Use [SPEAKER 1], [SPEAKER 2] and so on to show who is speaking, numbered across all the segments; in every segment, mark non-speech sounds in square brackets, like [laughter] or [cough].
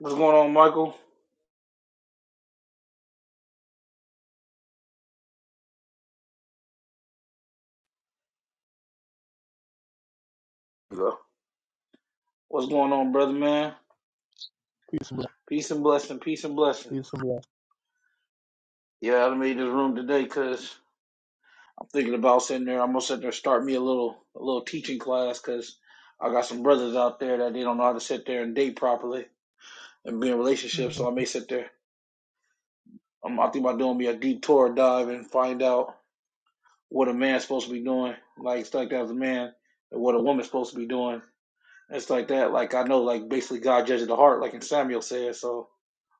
[SPEAKER 1] What's going on, Michael? Go. What's going on, brother man?
[SPEAKER 2] He's black.
[SPEAKER 1] Peace and blessing, peace and blessing.
[SPEAKER 2] He's black.
[SPEAKER 1] Yeah, I made this room today because I'm thinking about sitting there. I'm gonna sit there and start me a little a little teaching class because I got some brothers out there that they don't know how to sit there and date properly and be in relationships. So I may sit there. I'm I think about doing me a deep Torah dive and find out what a man's supposed to be doing, like stuff like that as a man, and what a woman's supposed to be doing. It's like that. Like I know, like basically God judges the heart, like in Samuel says. So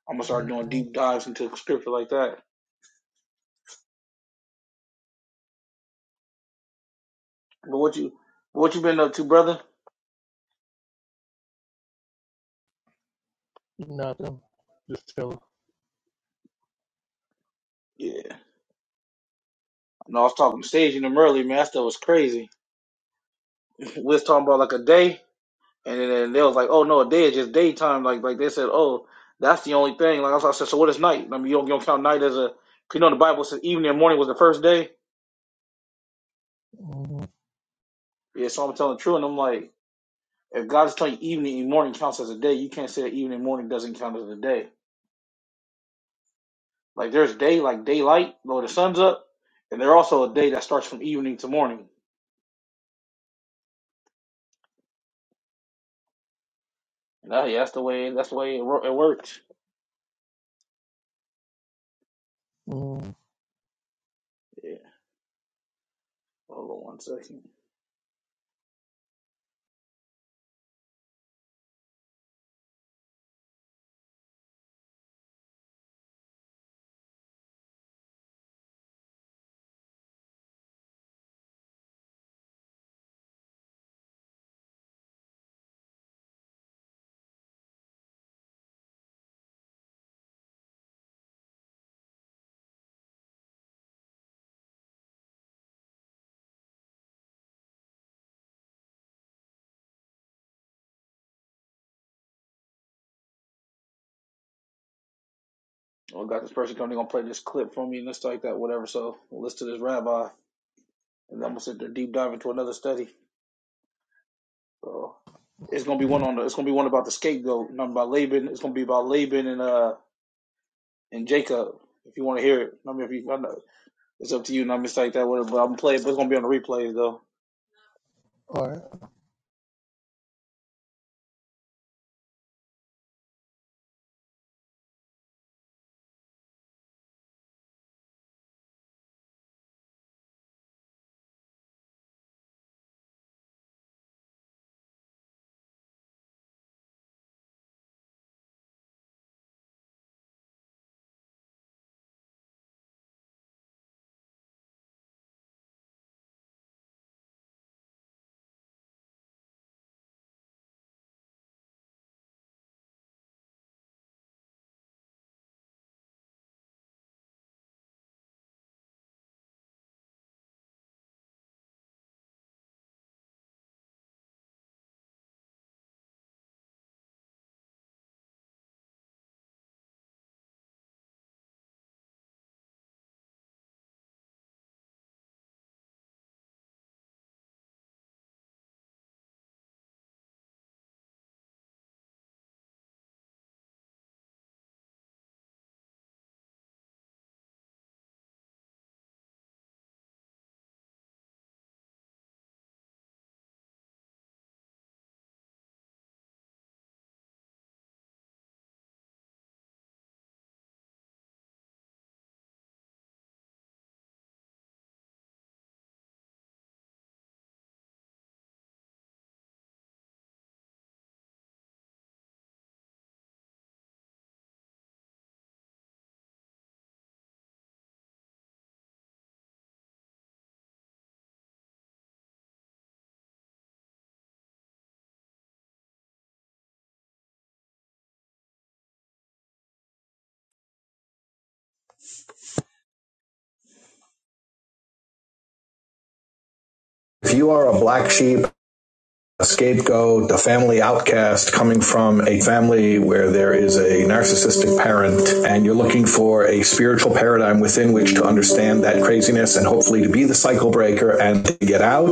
[SPEAKER 1] I'm gonna start doing
[SPEAKER 2] Mm-hmm.
[SPEAKER 1] deep dives into scripture like that. But what you what you been up to, brother?
[SPEAKER 2] Nothing. Just chill.
[SPEAKER 1] Yeah. No, I was talking to Sage and them earlier, man. That stuff was crazy. We was talking about like a day, and then and they was like, oh no, a day is just daytime. Like like they said, oh that's the only thing. Like I, was, like, I said, so what is night? I mean, you don't, you don't count night as a. 'cause you know in the Bible says evening and morning was the first day.
[SPEAKER 2] Mm-hmm.
[SPEAKER 1] Yeah, so I'm telling the truth, and I'm like, if God is telling you evening and morning counts as a day, you can't say that evening and morning doesn't count as a day. Like there's day, like daylight, though the sun's up, and there's also a day that starts from evening to morning. Nah, yeah, that's the way. That's the way it, wor- it works.
[SPEAKER 2] Mm-hmm.
[SPEAKER 1] Yeah. Hold on one second. Well, I got this person coming. They're gonna play this clip for me and this like that, whatever. So we'll listen to this rabbi, and then I'm gonna sit there deep dive into another study. So it's gonna be one on. The, it's gonna be one about the scapegoat. Not about Laban. It's gonna be about Laban and uh and Jacob. If you want to hear it, I mean, if you, I know, it's up to you. Not like that, whatever. But I'm gonna play it. But it's gonna be on the replays though.
[SPEAKER 2] All right.
[SPEAKER 3] If you are a black sheep, a scapegoat, a family outcast coming from a family where there is a narcissistic parent, and you're looking for a spiritual paradigm within which to understand that craziness and hopefully to be the cycle breaker and to get out,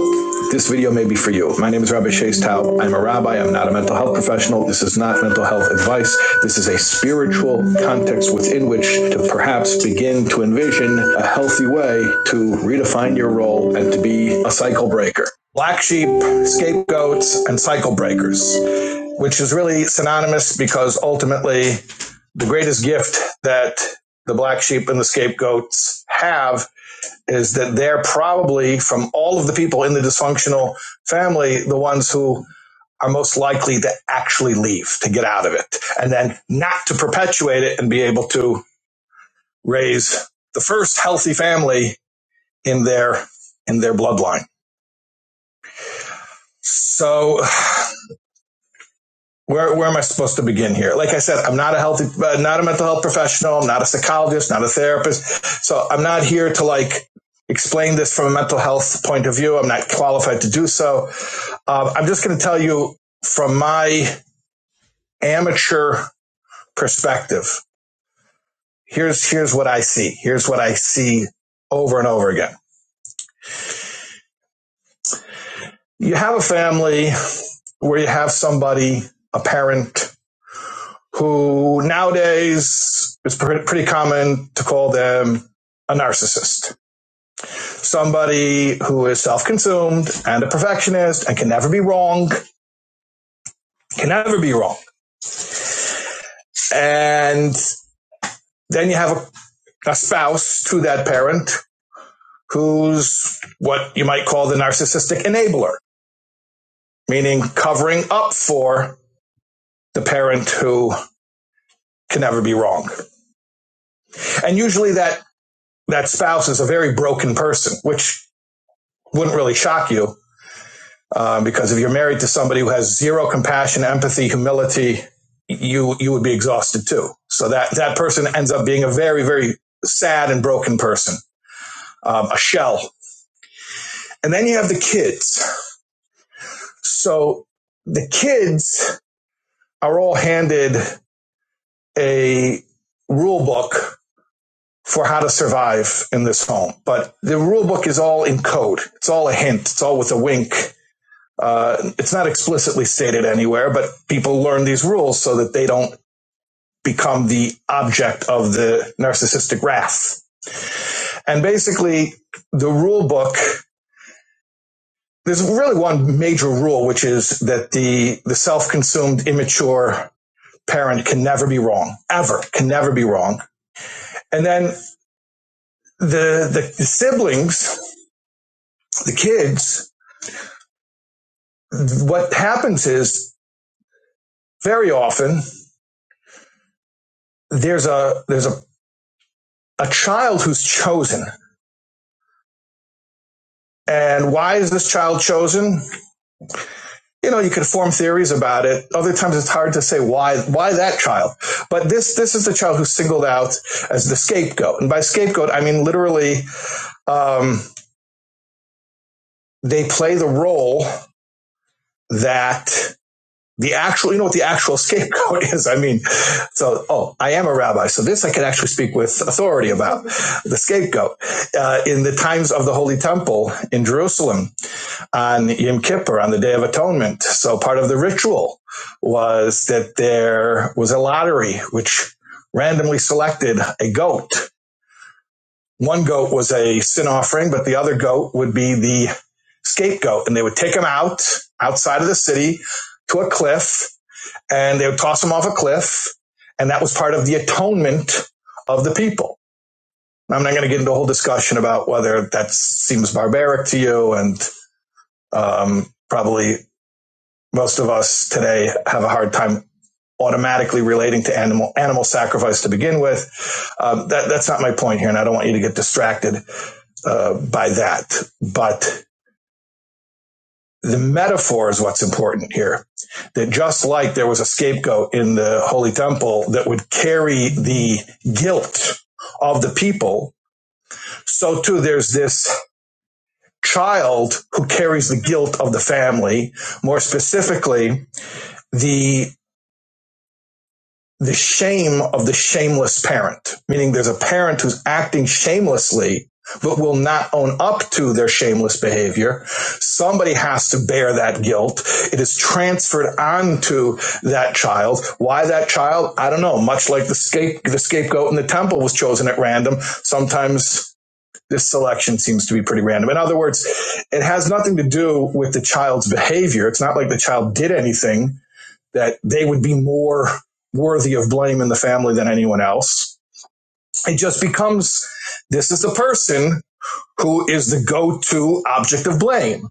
[SPEAKER 3] this video may be for you. My name is Rabbi Shays Taub. I'm a rabbi. I'm not a mental health professional. This is not mental health advice. This is a spiritual context within which to perhaps begin to envision a healthy way to redefine your role and to be a cycle breaker black sheep, scapegoats, and cycle breakers, which is really synonymous because ultimately the greatest gift that the black sheep and the scapegoats have is that they're probably from all of the people in the dysfunctional family, the ones who are most likely to actually leave, to get out of it, and then not to perpetuate it and be able to raise the first healthy family in their in their bloodline. So where, where am I supposed to begin here? Like I said, I'm not a healthy, uh, not a mental health professional. I'm not a psychologist, not a therapist. So I'm not here to like explain this from a mental health point of view. I'm not qualified to do so. Uh, I'm just going to tell you from my amateur perspective. Here's, here's what I see. Here's what I see over and over again. You have a family where you have somebody, a parent, who nowadays is pretty common to call them a narcissist, somebody who is self consumed and a perfectionist and can never be wrong, can never be wrong. And then you have a, a spouse to that parent who's what you might call the narcissistic enabler, meaning covering up for the parent who can never be wrong. And usually that, that spouse is a very broken person, which wouldn't really shock you Um, because if you're married to somebody who has zero compassion, empathy, humility, you you would be exhausted too. So that that person ends up being a very very sad and broken person, um, a shell. And then you have the kids. So the kids are all handed a rule book for how to survive in this home, but the rule book is all in code. It's all a hint. It's all with a wink. Uh, it's not explicitly stated anywhere, but people learn these rules so that they don't become the object of the narcissistic wrath. And basically, the rule book, there's really one major rule, which is that the, the self-consumed, immature parent can never be wrong, ever, can never be wrong. And then the, the, the siblings, the kids, what happens is very often there's a, there's a, a child who's chosen. And why is this child chosen? you know, you could form theories about it. Other times it's hard to say why, why that child? But this, this is the child who's singled out as the scapegoat. And by scapegoat, I mean literally, um, they play the role that the actual, you know what the actual [laughs] scapegoat is. I mean, so, oh, I am a rabbi. So this I can actually speak with authority about the scapegoat, uh, in the times of the Holy Temple in Jerusalem on Yom Kippur, on the Day of Atonement. So part of the ritual was that there was a lottery which randomly selected a goat. One goat was a sin offering, but the other goat would be the scapegoat. And they would take him out outside of the city to a cliff and they would toss him off a cliff. And that was part of the atonement of the people. I'm not going to get into a whole discussion about whether that seems barbaric to you and um, probably most of us today have a hard time automatically relating to animal animal sacrifice to begin with. Um, that, that's not my point here, and I don't want you to get distracted uh, by that. But the metaphor is what's important here. That just like there was a scapegoat in the Holy Temple that would carry the guilt of the people, so too there's this child who carries the guilt of the family. More specifically, the the shame of the shameless parent, meaning there's a parent who's acting shamelessly, but will not own up to their shameless behavior. Somebody has to bear that guilt. It is transferred onto that child. Why that child? I don't know. Much like the scape, the scapegoat in the temple was chosen at random. Sometimes this selection seems to be pretty random. In other words, it has nothing to do with the child's behavior. It's not like the child did anything that they would be more worthy of blame in the family than anyone else. It just becomes this is the person who is the go-to object of blame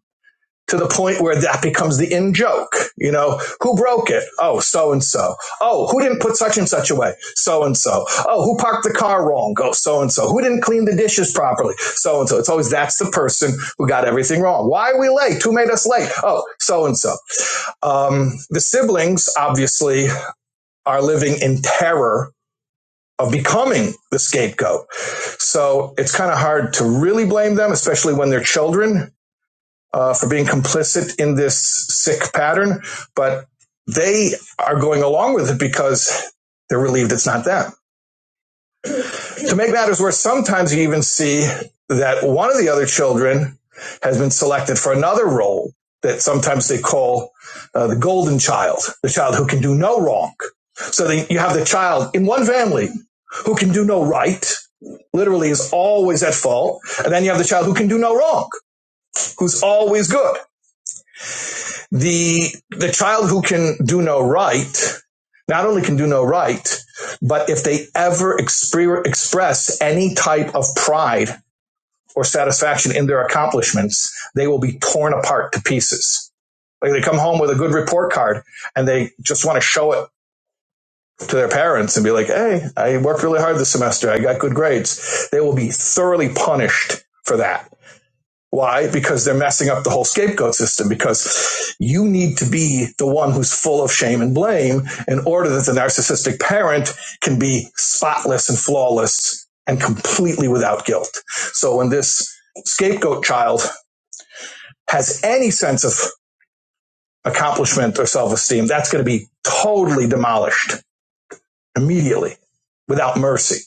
[SPEAKER 3] to the point where that becomes the in joke. You know, who broke it? Oh, so and so. Oh, who didn't put such and such away? So and so. Oh, who parked the car wrong? Oh, so and so. Who didn't clean the dishes properly? So and so. It's always that's the person who got everything wrong. Why are we late? Who made us late? Oh, so and so. Um, the siblings, obviously, are living in terror of becoming the scapegoat. So it's kind of hard to really blame them, especially when they're children, uh, for being complicit in this sick pattern. But they are going along with it because they're relieved it's not them. To make matters worse, sometimes you even see that one of the other children has been selected for another role that sometimes they call uh, the golden child, the child who can do no wrong. So then you have the child in one family who can do no right, literally is always at fault, and then you have the child who can do no wrong, who's always good. The the child who can do no right not only can do no right, but if they ever exper- express any type of pride or satisfaction in their accomplishments, they will be torn apart to pieces. Like they come home with a good report card and they just want to show it to their parents and be like, Hey, I worked really hard this semester. I got good grades. They will be thoroughly punished for that. Why? Because they're messing up the whole scapegoat system because you need to be the one who's full of shame and blame in order that the narcissistic parent can be spotless and flawless and completely without guilt. So when this scapegoat child has any sense of accomplishment or self esteem, that's going to be totally demolished immediately without mercy.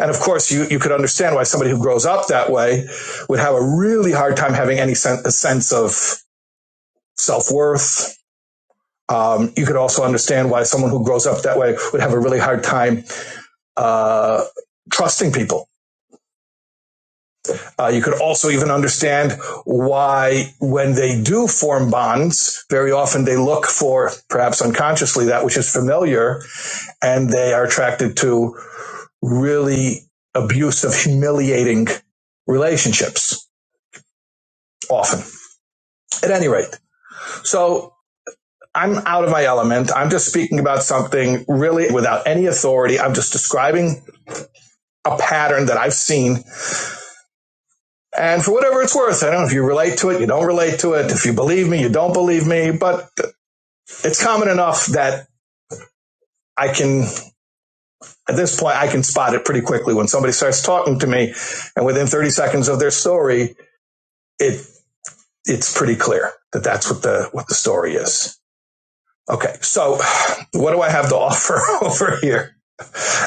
[SPEAKER 3] And of course, you, you could understand why somebody who grows up that way would have a really hard time having any sen- a sense of self worth. Um, you could also understand why someone who grows up that way would have a really hard time uh, trusting people Uh, you could also even understand why, when they do form bonds, very often they look for, perhaps unconsciously, that which is familiar, and they are attracted to really abusive, humiliating relationships often. At any rate, so I'm out of my element. I'm just speaking about something really without any authority. I'm just describing a pattern that I've seen. And for whatever it's worth, I don't know if you relate to it, you don't relate to it, if you believe me, you don't believe me, but it's common enough that I can, at this point, I can spot it pretty quickly when somebody starts talking to me, and within 30 seconds of their story, it it's pretty clear that that's what the what the story is. Okay, so what do I have to [laughs] offer over here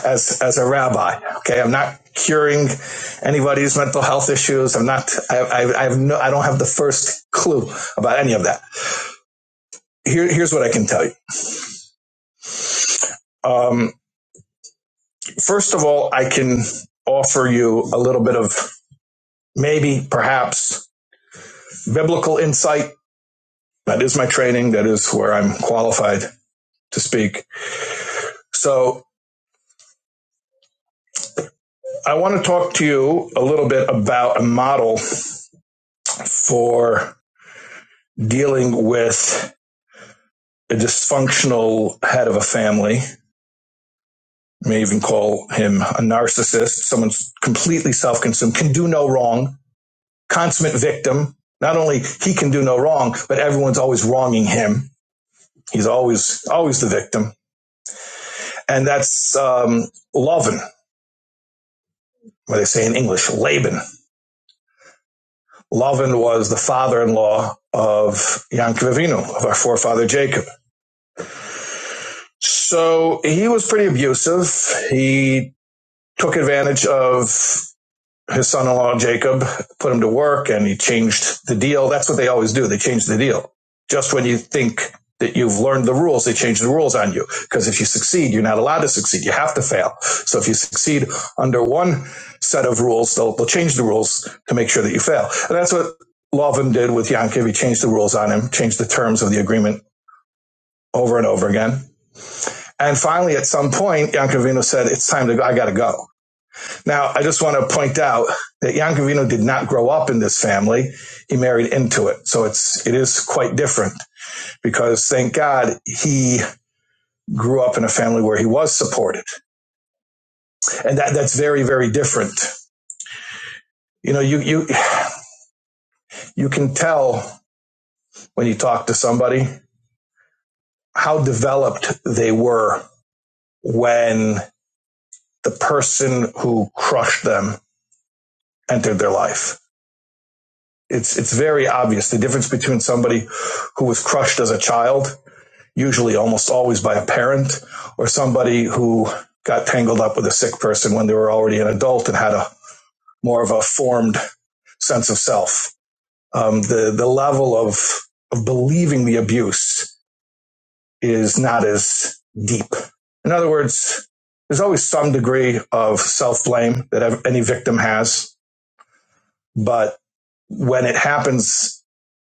[SPEAKER 3] as as a rabbi? Okay, I'm not curing anybody's mental health issues. I'm not. I, I, I have no. I don't have the first clue about any of that. Here, here's what I can tell you. Um, first of all, I can offer you a little bit of maybe, perhaps, biblical insight. That is my training. That is where I'm qualified to speak. So I want to talk to you a little bit about a model for dealing with a dysfunctional head of a family. You may even call him a narcissist, someone's completely self-consumed, can do no wrong, consummate victim. Not only he can do no wrong, but everyone's always wronging him. He's always always the victim, and that's um, Lovin. what they say in English, Laban. Laban was the father-in-law of Yankov Avinu, of our forefather Jacob. So he was pretty abusive. He took advantage of his son-in-law Jacob put him to work, and he changed the deal. That's what they always do. They change the deal just when you think that you've learned the rules. They change the rules on you because if you succeed, you're not allowed to succeed. You have to fail. So if you succeed under one set of rules, they'll, they'll change the rules to make sure that you fail. And that's what Lovin did with Yankiv. He changed the rules on him, changed the terms of the agreement over and over again. And finally, at some point, Yankovino said, it's time to go. I got to go. Now, I just want to point out that Yankovino did not grow up in this family. He married into it. So it's, it is quite different because thank God he grew up in a family where he was supported. And that, that's very, very different. You know, you, you, you can tell when you talk to somebody how developed they were when the person who crushed them entered their life. It's, it's very obvious the difference between somebody who was crushed as a child usually almost always by a parent or somebody who got tangled up with a sick person when they were already an adult and had a more of a formed sense of self. Um, the the level of of believing the abuse is not as deep. In other words, there's always some degree of self blame that any victim has, but when it happens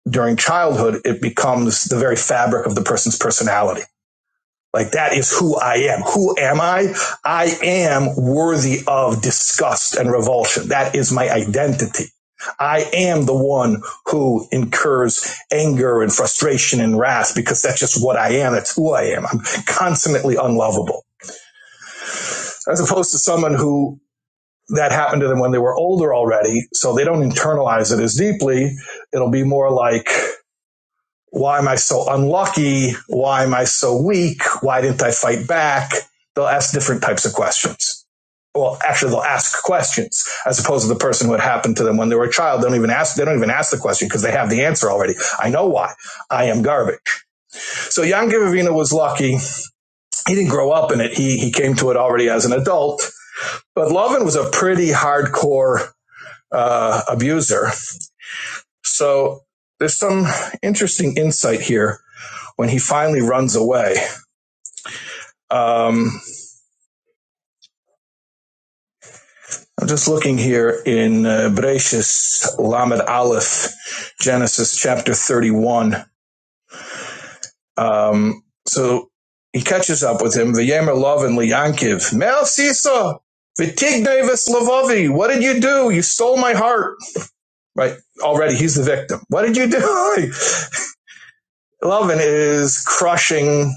[SPEAKER 3] during childhood, it becomes the very fabric of the person's personality Like that is who I am. Who am I? I am worthy of disgust and revulsion. That is my identity. I am the one who incurs anger and frustration and wrath because that's just what I am. That's who I am. I'm consummately unlovable as opposed to someone who that happened to them when they were older already. So they don't internalize it as deeply. It'll be more like, why am I so unlucky? Why am I so weak? Why didn't I fight back? They'll ask different types of questions. Well, actually, they'll ask questions as opposed to the person who it happened to them when they were a child. They don't even ask. They don't even ask the question because they have the answer already. I know why. I am garbage. So Jan Givavina was lucky. He didn't grow up in it. He he came to it already as an adult. But Lovin was a pretty hardcore uh, abuser. So there's some interesting insight here when he finally runs away. Um, I'm just looking here in uh, Bereshis Lamed Aleph, Genesis chapter 31. Um, so he catches up with him. V'yemer love and liyankiv. Mel sisa v'tignei v'slavovi. What did you do? You stole my heart. Right already, he's the victim. What did you do? [laughs] Lovin is crushing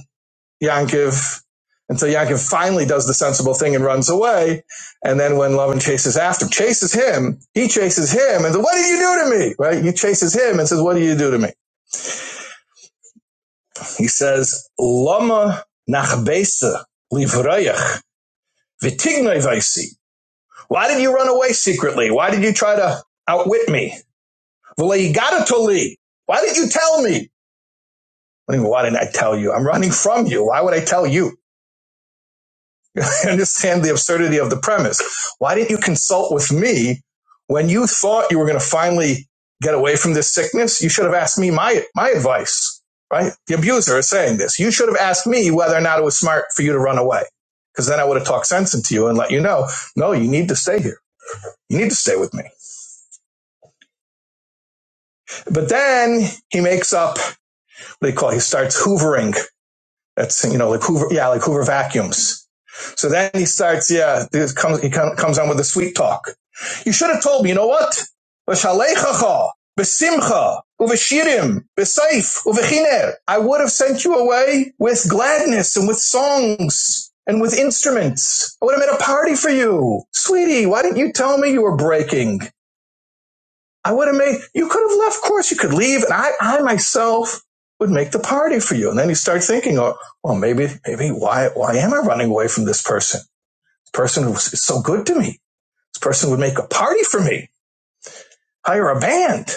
[SPEAKER 3] Yankiv until Yankiv finally does the sensible thing and runs away. And then when Lovin chases after, chases him, he chases him and says, what did you do to me? Right? He chases him and says, what did you do to me? He says, Lama nachbesa livrayach v'tignai vaisi. Why did you run away secretly? Why did you try to outwit me? V'leigadatoli. Why did you tell me? Why didn't I tell you? I'm running from you. Why would I tell you? I understand the absurdity of the premise. Why didn't you consult with me when you thought you were going to finally get away from this sickness? You should have asked me my, my advice, right? The abuser is saying this. You should have asked me whether or not it was smart for you to run away. Cause then I would have talked sense into you and let you know, no, you need to stay here. You need to stay with me. But then he makes up what do you call it? He starts hoovering. That's, you know, like hoover, yeah, like hoover vacuums So then he starts, yeah, this comes, he comes on with the sweet talk. You should have told me, you know what? V'shaleichacha, b'simcha, uv'shirim, b'saif, uv'chiner. I would have sent you away with gladness and with songs and with instruments. I would have made a party for you. Sweetie, why didn't you tell me you were breaking? I would have made, you could have left, of course you could leave, and I, I myself would make the party for you. And then you start thinking, oh, well, maybe, maybe why, why am I running away from this person? person was is so good to me. This person would make a party for me, hire a band.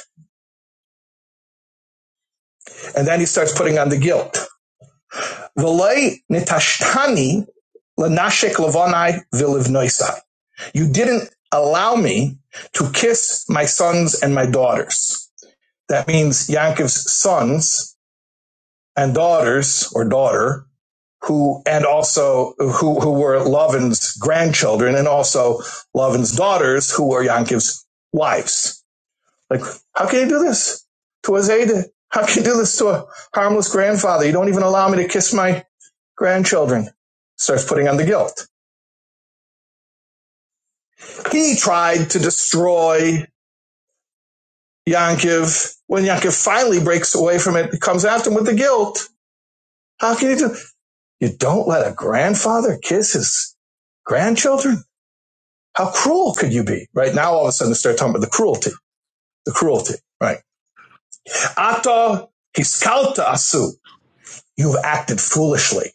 [SPEAKER 3] And then he starts putting on the guilt. You didn't allow me to kiss my sons and my daughters. That means Yankov's sons and daughters or daughter who and also who, who were Lovin's grandchildren and also Lovin's daughters who were Yankov's wives. Like, how can you do this to a Zayde? How can you do this to a harmless grandfather? You don't even allow me to kiss my grandchildren. Starts putting on the guilt. He tried to destroy Yankiv. When Yankiv finally breaks away from it, he comes after him with the guilt. How can you do? You don't let a grandfather kiss his grandchildren? How cruel could you be? Right now, all of a sudden, they start talking about the cruelty, the cruelty, right? Ata hiskalta asu. You've acted foolishly.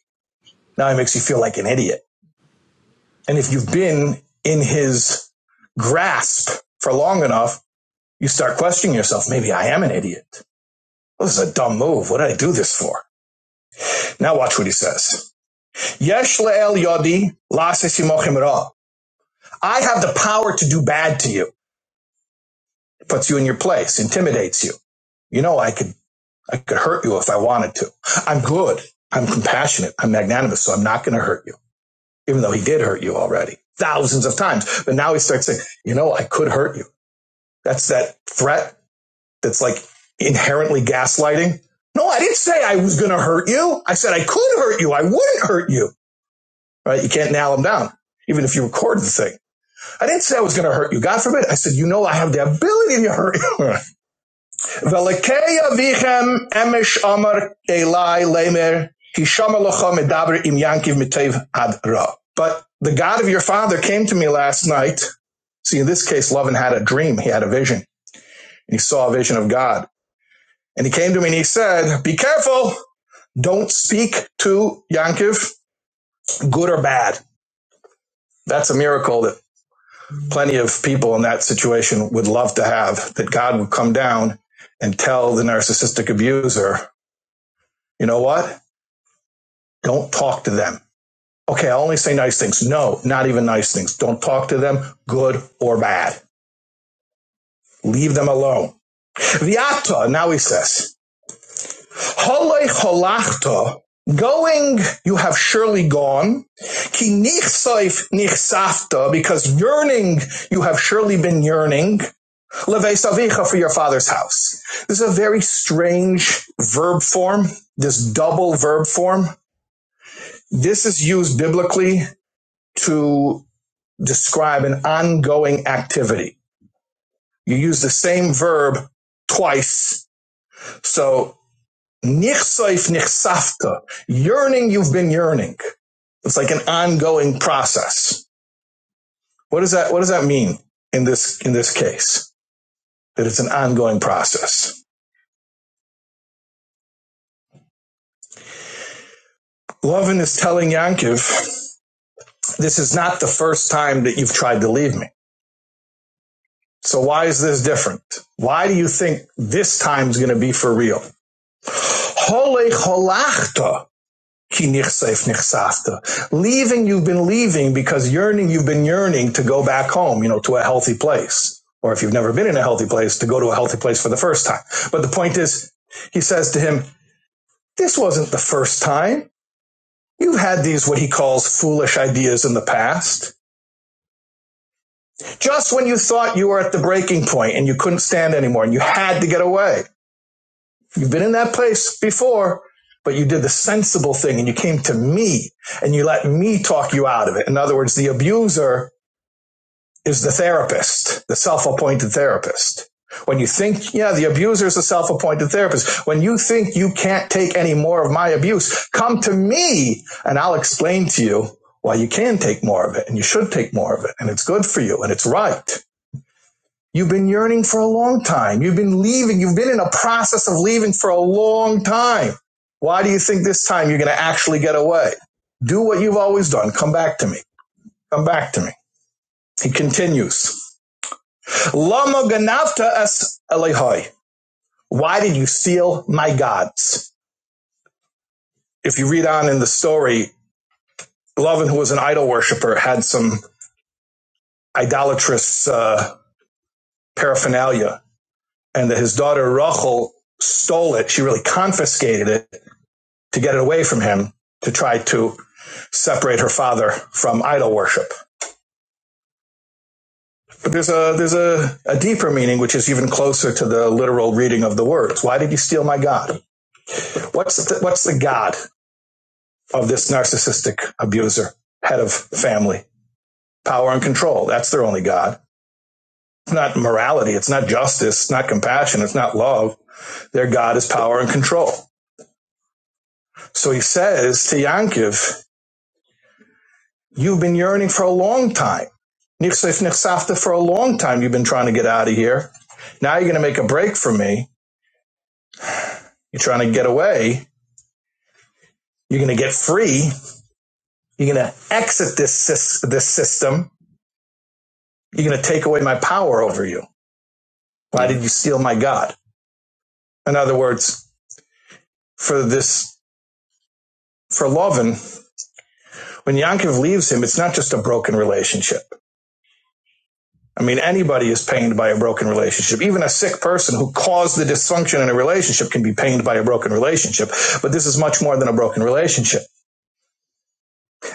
[SPEAKER 3] Now he makes you feel like an idiot. And if you've been in his grasp for long enough, you start questioning yourself. Maybe I am an idiot. This is a dumb move. What did I do this for? Now watch what he says. Yesh le'el yodi la'asesimochim ra. I have the power to do bad to you. It Puts you in your place, intimidates you. You know, I could, I could hurt you if I wanted to. I'm good. I'm compassionate. I'm magnanimous. So I'm not going to hurt you. even though he did hurt you already thousands of times. But now he starts saying, you know, I could hurt you. That's that threat that's like inherently gaslighting. No, I didn't say I was going to hurt you. I said I could hurt you. I wouldn't hurt you. Right? You can't nail him down, even if you record the thing. I didn't say I was going to hurt you. God forbid. I said, you know, I have the ability to hurt you. [laughs] Velekeya vichem emesh amar elai lemer hishama locha medaber im yankiv mitev ad ra. But the God of your father came to me last night. See, in this case, Lovin had a dream. He had a vision. And he saw a vision of God. And he came to me and he said, be careful. Don't speak to Yankiv, good or bad. That's a miracle that plenty of people in that situation would love to have, that God would come down and tell the narcissistic abuser, you know what? Don't talk to them. Okay, I'll only say nice things. No, not even nice things. Don't talk to them, good or bad. Leave them alone. Viata, now he says, Hole holachta, going, you have surely gone. Ki nichsaif nichsafta, because yearning, you have surely been yearning. Levesavicha for your father's house. This is a very strange verb form, this double verb form. This is used biblically to describe an ongoing activity. You use the same verb twice. So, nichsoif nichsafta, yearning, you've been yearning. It's like an ongoing process. What does that, what does that mean in this, in this case? That it's an ongoing process. Lovin is telling Yankiv, this is not the first time that you've tried to leave me. So why is this different? Why do you think this time's going to be for real? Hole kinichsef nichsafta. Leaving, you've been leaving because yearning, you've been yearning to go back home, you know, to a healthy place. Or if you've never been in a healthy place, to go to a healthy place for the first time. But the point is, he says to him, this wasn't the first time. You've had these, what he calls foolish ideas in the past. Just when you thought you were at the breaking point and you couldn't stand anymore and you had to get away. You've been in that place before, but you did the sensible thing and you came to me and you let me talk you out of it. In other words, the abuser is the therapist, the self-appointed therapist. When you think, yeah, the abuser is a self-appointed therapist. When you think you can't take any more of my abuse, come to me and I'll explain to you why you can take more of it and you should take more of it and it's good for you and it's right. You've been yearning for a long time. You've been leaving. You've been in a process of leaving for a long time. Why do you think this time you're going to actually get away? Do what you've always done. Come back to me. Come back to me. He continues. Lama ganavta es elihoi. Why did you steal my gods? If you read on in the story, Lovin, who was an idol worshiper, had some idolatrous uh, paraphernalia, and that his daughter Rachel stole it. She really confiscated it to get it away from him to try to separate her father from idol worship. But there's a there's a, a deeper meaning which is even closer to the literal reading of the words. Why did you steal my God? What's the, what's the God of this narcissistic abuser, head of family, power and control? That's their only God. It's not morality. It's not justice. It's not compassion. It's not love. Their God is power and control. So he says to Yankiv, You've been yearning for a long time. Nixif nixafta for a long time. You've been trying to get out of here. Now you're going to make a break from me. You're trying to get away. You're going to get free. You're going to exit this this system. You're going to take away my power over you. Why
[SPEAKER 4] Yeah.
[SPEAKER 3] did you steal my God? In other words, for this for Lovin, when Yankov leaves him, it's not just a broken relationship. I mean, anybody is pained by a broken relationship. Even a sick person who caused the dysfunction in a relationship can be pained by a broken relationship. But this is much more than a broken relationship.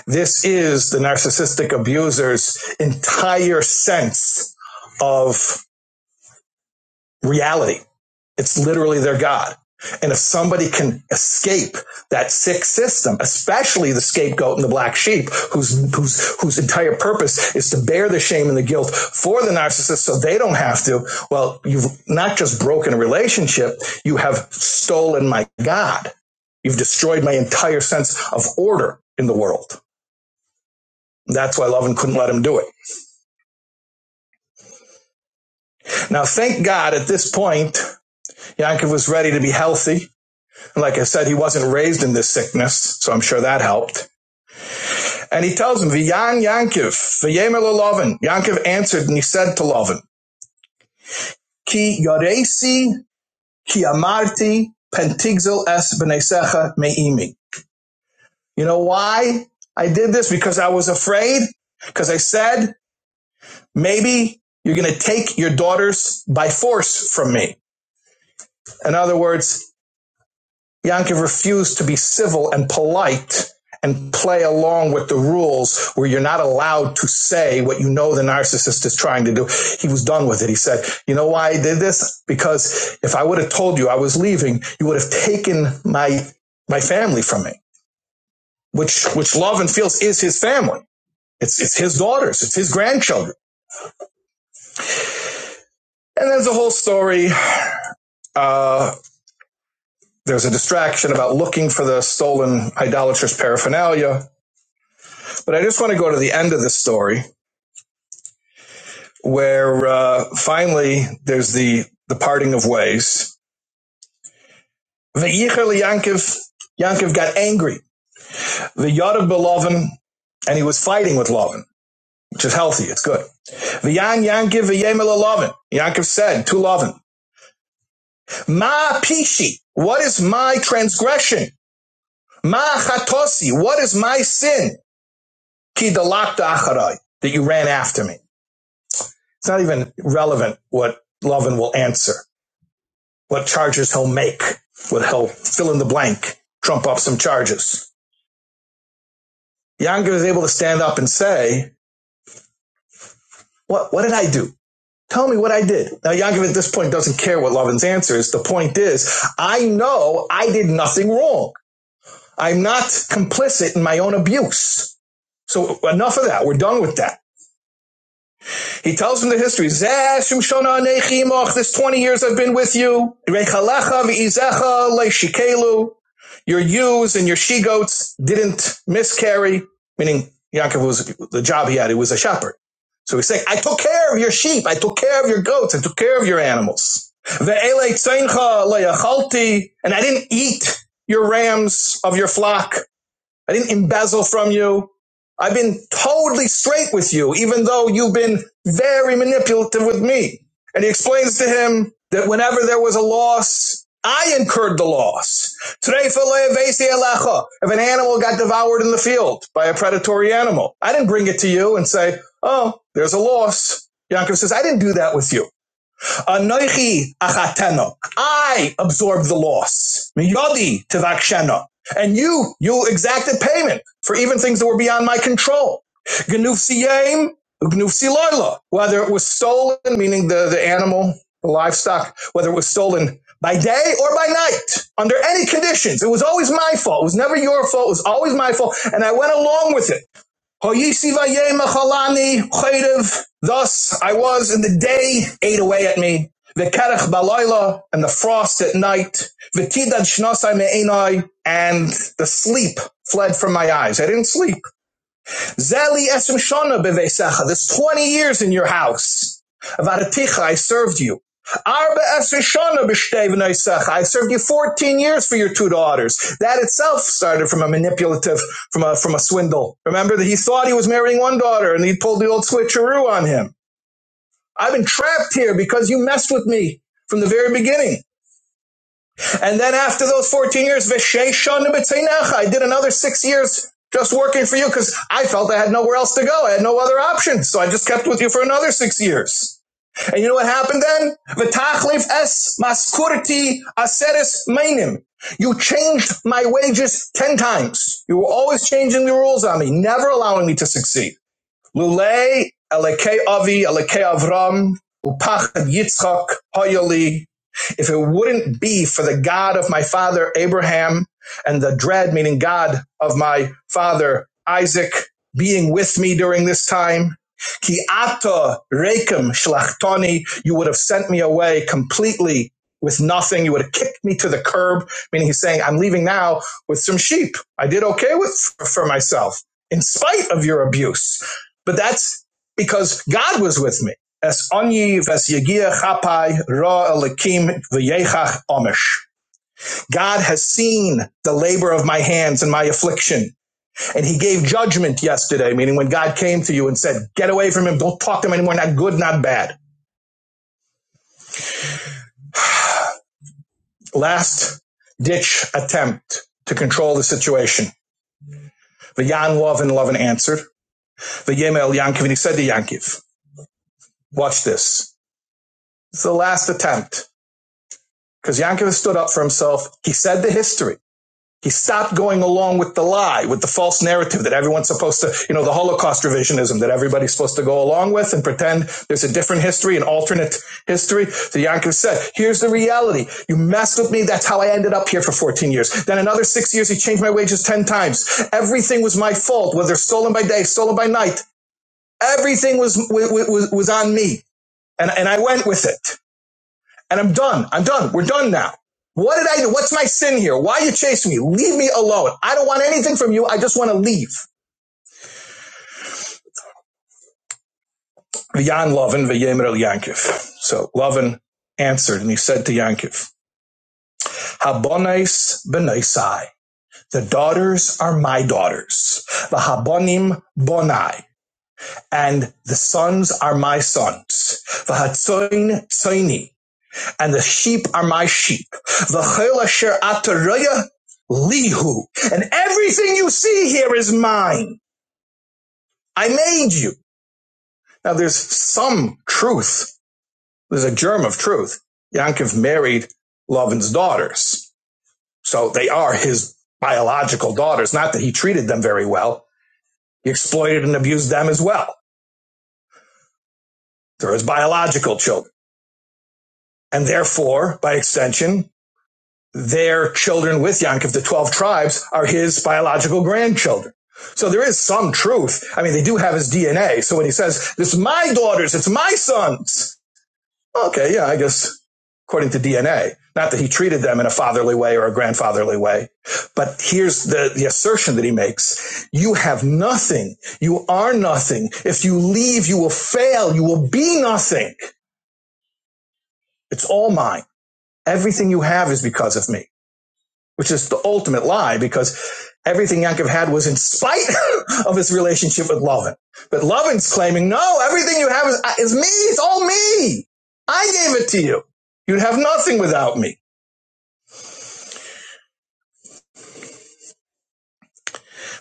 [SPEAKER 3] This is the narcissistic abuser's entire sense of reality. It's literally their God. And if somebody can escape that sick system, especially the scapegoat and the black sheep, whose, whose, whose entire purpose is to bear the shame and the guilt for the narcissist so they don't have to, well, you've not just broken a relationship, you have stolen my God. You've destroyed my entire sense of order in the world. That's why Lovin couldn't let him do it. Now, thank God at this point, Yankov was ready to be healthy Like I said, he wasn't raised in this sickness, so I'm sure that helped. And he tells him, V'yan Yankiv, v'yemer Lovin. Yankiv answered and he said to Lovin, Ki yoresi, ki amarti, pentigzel es b'nesecha me'imi. You know why I did this? Because I was afraid. Because I said, maybe you're going to take your daughters by force from me. In other words, Yankev refused to be civil and polite and play along with the rules where you're not allowed to say what you know the narcissist is trying to do. He was done with it. He said, You know why I did this? Because if I would have told you I was leaving, you would have taken my my family from me, which which love and feels is his family. It's it's his daughters, it's his grandchildren. And there's a whole story. Uh, there's a distraction about looking for the stolen idolatrous paraphernalia But I just want to go to the end of the story where uh, finally there's the, the parting of ways. Ve'ichel Yankiv, Yankiv got angry. Ve'yadav belovin, and he was fighting with Lovin, which is healthy, it's good. V'yan Yankiv v'yemel Lovin. Yankiv said to Lovin, Ma pishi, what is my transgression? Ma chatosi, what is my sin? Ki dalakta acharai, that you ran after me. It's not even relevant what Lovin will answer. what charges he'll make, what he'll fill in the blank, trump up some charges. Yangiv is able to stand up and say, what, what did I do? Tell me what I did. Now, Yangiv at this point doesn't care what Lovin's answer is. The point is, I know I did nothing wrong. I'm not complicit in my own abuse. So enough of that. We're done with that. He tells him the history. This 20 years I've been with you. Your ewes and your she-goats didn't miscarry. Meaning, Yaakov was, the job he had, he was a shepherd. So he's saying, I took care of your sheep. I took care of your goats. I took care of your animals. And I didn't eat your rams of your flock. I didn't embezzle from you. I've been totally straight with you, even though you've been very manipulative with me. And he explains to him that whenever there was a loss, I incurred the loss. If an animal got devoured in the field by a predatory animal, I didn't bring it to you and say, oh, there's a loss. Yaakov says, I didn't do that with you. Anoichi achateno. I absorb the loss. Miyodi tevaksheno. And you, you exacted payment for even things that were beyond my control. Gnufsiyim, gnufsiloilo. Whether it was stolen, meaning the, the animal, the livestock, whether it was stolen by day or by night, under any conditions. It was always my fault. It was never your fault. It was always my fault. And I went along with it. Thus I was in the day ate away at me. The Vekerech balayla and the frost at night. The Vetidad shnasai me'enai and the sleep fled from my eyes. I didn't sleep. Zeli Esrim Shana Bevesecha, this 20 years in your house. Varaticha, I served you. Arba Esrim Shana B'shtevneisecha, I served you 14 years for your two daughters. That itself started from a manipulative, from a, from a swindle. Remember that he thought he was marrying one daughter and he pulled the old switcheroo on him. I've been trapped here because you messed with me from the very beginning. And then after those 14 years, Vesheshon B'tzeinecha, I did another six years just working for you because I felt I had nowhere else to go. I had no other option. So I just kept with you for another six years. And you know what happened then? V'tachlif es maskurti aseres mainim. You changed my wages 10 times. You were always changing the rules on me, never allowing me to succeed. Lule alekei Avi alekei Avram Upachad Yitzchak Hoyoli. If it wouldn't be for the God of my father Abraham and the dread, meaning God of my father Isaac, being with me during this time, Ki ata rekem shlachtoni, you would have sent me away completely with nothing. You would have kicked me to the curb, meaning he's saying, I'm leaving now with some sheep. I did okay with for myself in spite of your abuse. But that's because God was with me. Es onyi ves yegia chapai ra elikim v'yechach omish. God has seen the labor of my hands and my affliction. And he gave judgment yesterday, meaning when God came to you and said, get away from him, don't talk to him anymore, not good, not bad. Last ditch attempt to control the situation. V'yan Lovin and lov and answered. V'yemel Yankiv, and he said to Yankiv, watch this. It's the last attempt. because Yankiv stood up for himself. He said the history. He stopped going along with the lie, with the false narrative that everyone's supposed to, you know, the Holocaust revisionism that everybody's supposed to go along with and pretend there's a different history, an alternate history. So Yankiv said, here's the reality. You messed with me. That's how I ended up here for 14 years. Then another six years, he changed my wages 10 times. Everything was my fault, whether stolen by day, stolen by night. Everything was, was, was on me. And, and I went with it and I'm done. I'm done. We're done now. What did I do? What's my sin here? Why are you chasing me? Leave me alone. I don't want anything from you. I just want to leave. V'yan Lovin v'yemer el Yankiv. So Lovin answered and he said to Yankiv, Habonais benaisai. The daughters are my daughters. V'habonim bonai. And the sons are my sons. V'hatzoin tzoini. and the sheep are my sheep. V'chol asher ataraya lihu. And everything you see here is mine. I made you. Now there's some truth. There's a germ of truth. Yankov married Lavan's daughters. So they are his biological daughters. Not that he treated them very well. He exploited and abused them as well. They're his biological children. And therefore, by extension, their children with Yaakov, the 12 tribes, are his biological grandchildren. So there is some truth. I mean, they do have his DNA. So when he says, "It's my daughters, it's my sons. Okay, yeah, I guess according to DNA. Not that he treated them in a fatherly way or a grandfatherly way. But here's the, the assertion that he makes. You have nothing. You are nothing. If you leave, you will fail. You will be nothing. It's all mine. Everything you have is because of me. which is the ultimate lie because everything Yaakov had was in spite [laughs] of his relationship with Lovin. But Lovin's claiming, no, everything you have is, is me. It's all me. I gave it to you. You'd have nothing without me.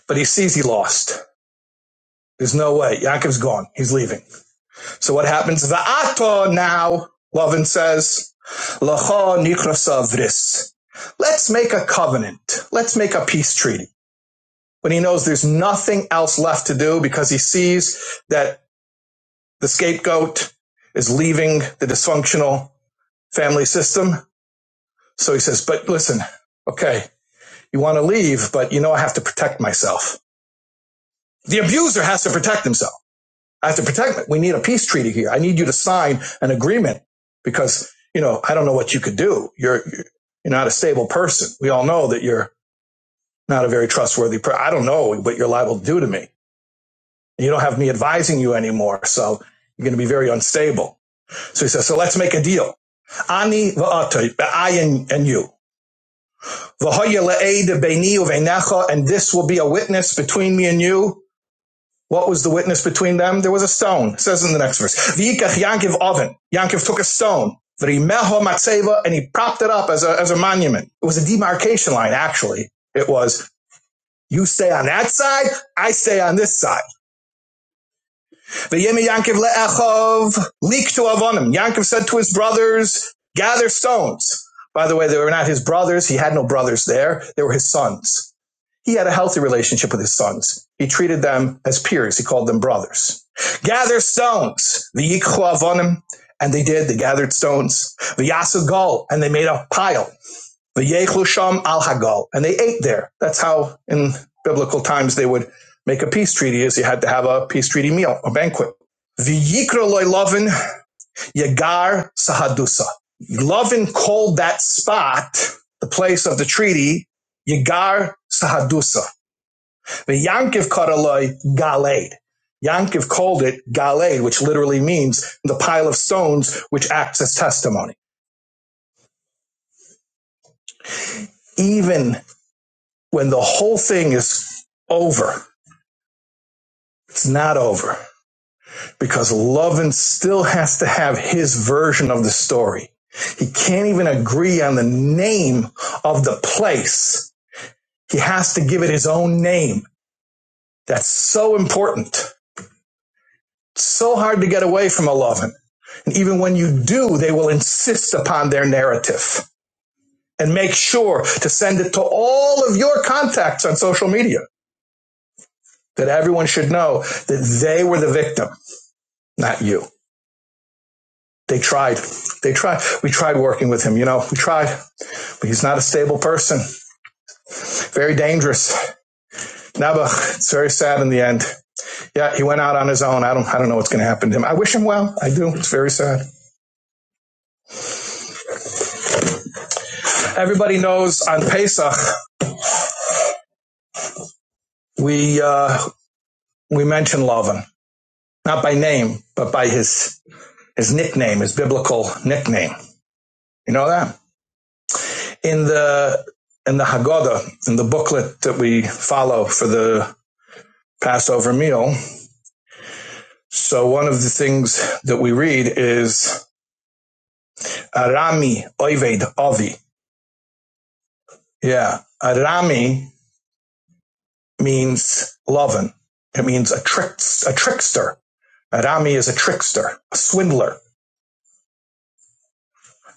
[SPEAKER 3] But he sees he lost. There's no way. Yaakov's gone. He's leaving. So what happens? Va'ato now, Lovin says, Lacha nikrasa vris. Let's make a covenant. Let's make a peace treaty. When he knows there's nothing else left to do because he sees that the scapegoat is leaving the dysfunctional family system. So he says, but listen, okay, you want to leave, but you know, I have to protect myself. The abuser has to protect himself. I have to protect me. We need a peace treaty here. I need you to sign an agreement because, you know, I don't know what you could do. You're, you're not a stable person. We all know that you're not a very trustworthy person. I don't know what you're liable to do to me. You don't have me advising you anymore. So you're going to be very unstable. So he says, so let's make a deal. Ani va'atoi, I and, you. and this will be a witness between me and you. What was the witness between them? There was a stone. It says in the next verse. V'yikach Yankiv oven. Yankiv took a stone. V'rimeho matseva, and he propped it up as a, as a monument. It was a demarcation line, actually. It was, you stay on that side, I stay on this side. V'yemi Yankiv le'echov liktu avonim. Yankiv said to his brothers, gather stones. By the way, they were not his brothers. He had no brothers there. They were his sons. He had a healthy relationship with his sons. He treated them as peers. He called them brothers. Gather stones. The avonim. And they did. They gathered stones. V'yasu gol. And they made a pile. V'yechlusham al hagal, and they ate there. That's how in biblical times they would make a peace treaty. Is you had to have a peace treaty meal, a banquet. V'yikra loylovin yagar sahadusa. Lovin called that spot the place of the treaty yagar sahadusa. The Yankiv karaloi galed. Yankiv called it galed, which literally means the pile of stones which acts as testimony. Even when the whole thing is over, It's not over because Lovin still has to have his version of the story. He can't even agree on the name of the place. He has to give it his own name. That's so important. It's So hard to get away from a Lovin. And even when you do, they will insist upon their narrative and make sure to send it to all of your contacts on social media that everyone should know that they were the victim, not you. They tried. They tried. We tried working with him. You know, we tried. But he's not a stable person. Very dangerous. Nabach. It's very sad in the end. Yeah, he went out on his own. I don't. I don't know what's going to happen to him. I wish him well. I do. It's very sad. Everybody knows on Pesach we uh, we mention Lavan, not by name, but by his his nickname, his biblical nickname. You know that in the in the Haggadah, in the booklet that we follow for the Passover meal, So one of the things that we read is Arami Oived Avi. Yeah. Arami means loven. It means a trick, a trickster. Arami is a trickster, a swindler.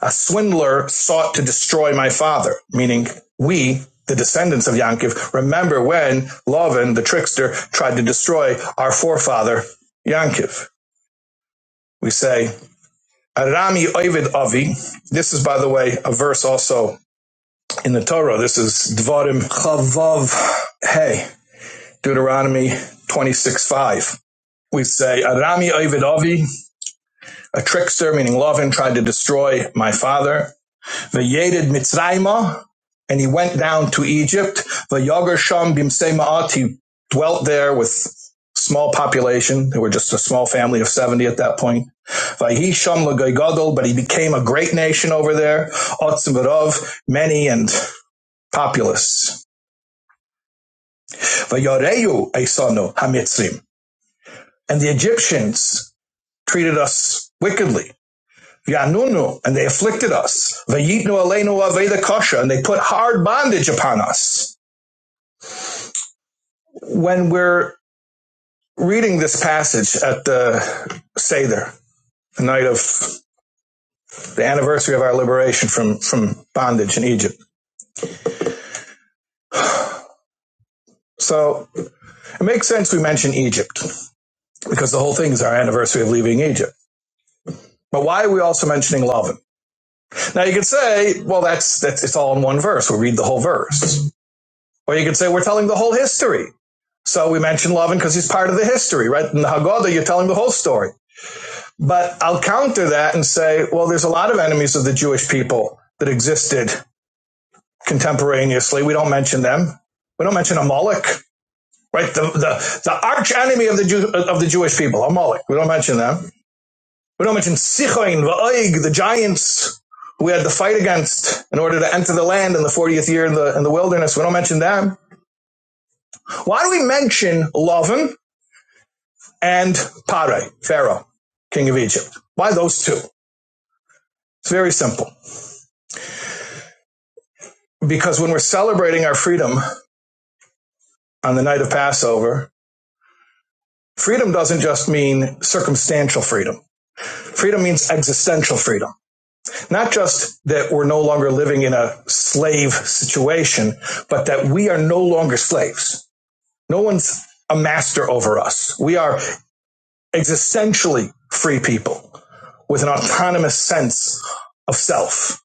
[SPEAKER 3] A swindler sought to destroy my father, meaning we, the descendants of Yankiv, remember when Loven, the trickster, tried to destroy our forefather, Yankiv. We say, Arami Oived Avi. This is, by the way, a verse also in the Torah. This is Dvarim Chavav Hey, Deuteronomy 26 5. We say, Arami Ovid Ovi, a trickster, meaning Lovin, tried to destroy my father. Vayedid Mitzrayma, and he went down to Egypt. V'yager Sham Bimse Ma'at, he dwelt there with small population. They were just a small family of 70 at that point. Vayhi Sham Lagoigodol, but he became a great nation over there. Otzim Varov, many and populous. Vayoreu Aisanu Hamitzrim. And the Egyptians treated us wickedly. Yanunu, and they afflicted us. Vayitnu Aleinu Aveda Kosha, and they put hard bondage upon us. When we're reading this passage at the Seder, the night of the anniversary of our liberation from, from bondage in Egypt. So it makes sense we mention Egypt because the whole thing is our anniversary of leaving Egypt. But why are we also mentioning Lavan? Now you could say, well, that's, that's, it's all in one verse. We read the whole verse. Or you could say, we're telling the whole history. So we mentioned Lovin because he's part of the history, right? In the Haggadah, you're telling the whole story. But I'll counter that and say, well, there's a lot of enemies of the Jewish people that existed contemporaneously. We don't mention them. We don't mention Amalek, right? The, the, the arch enemy of the, Jew, of the Jewish people, Amalek. We don't mention them. We don't mention Sichoin, Va'oig, the giants who we had to fight against in order to enter the land in the 40th year in the, in the wilderness. We don't mention them. Why do we mention Lavan and Pare, Pharaoh, king of Egypt? Why those two? It's very simple. Because when we're celebrating our freedom on the night of Passover, freedom doesn't just mean circumstantial freedom. Freedom means existential freedom. Not just that we're no longer living in a slave situation, but that we are no longer slaves No one's a master over us. We are existentially free people with an autonomous sense of self.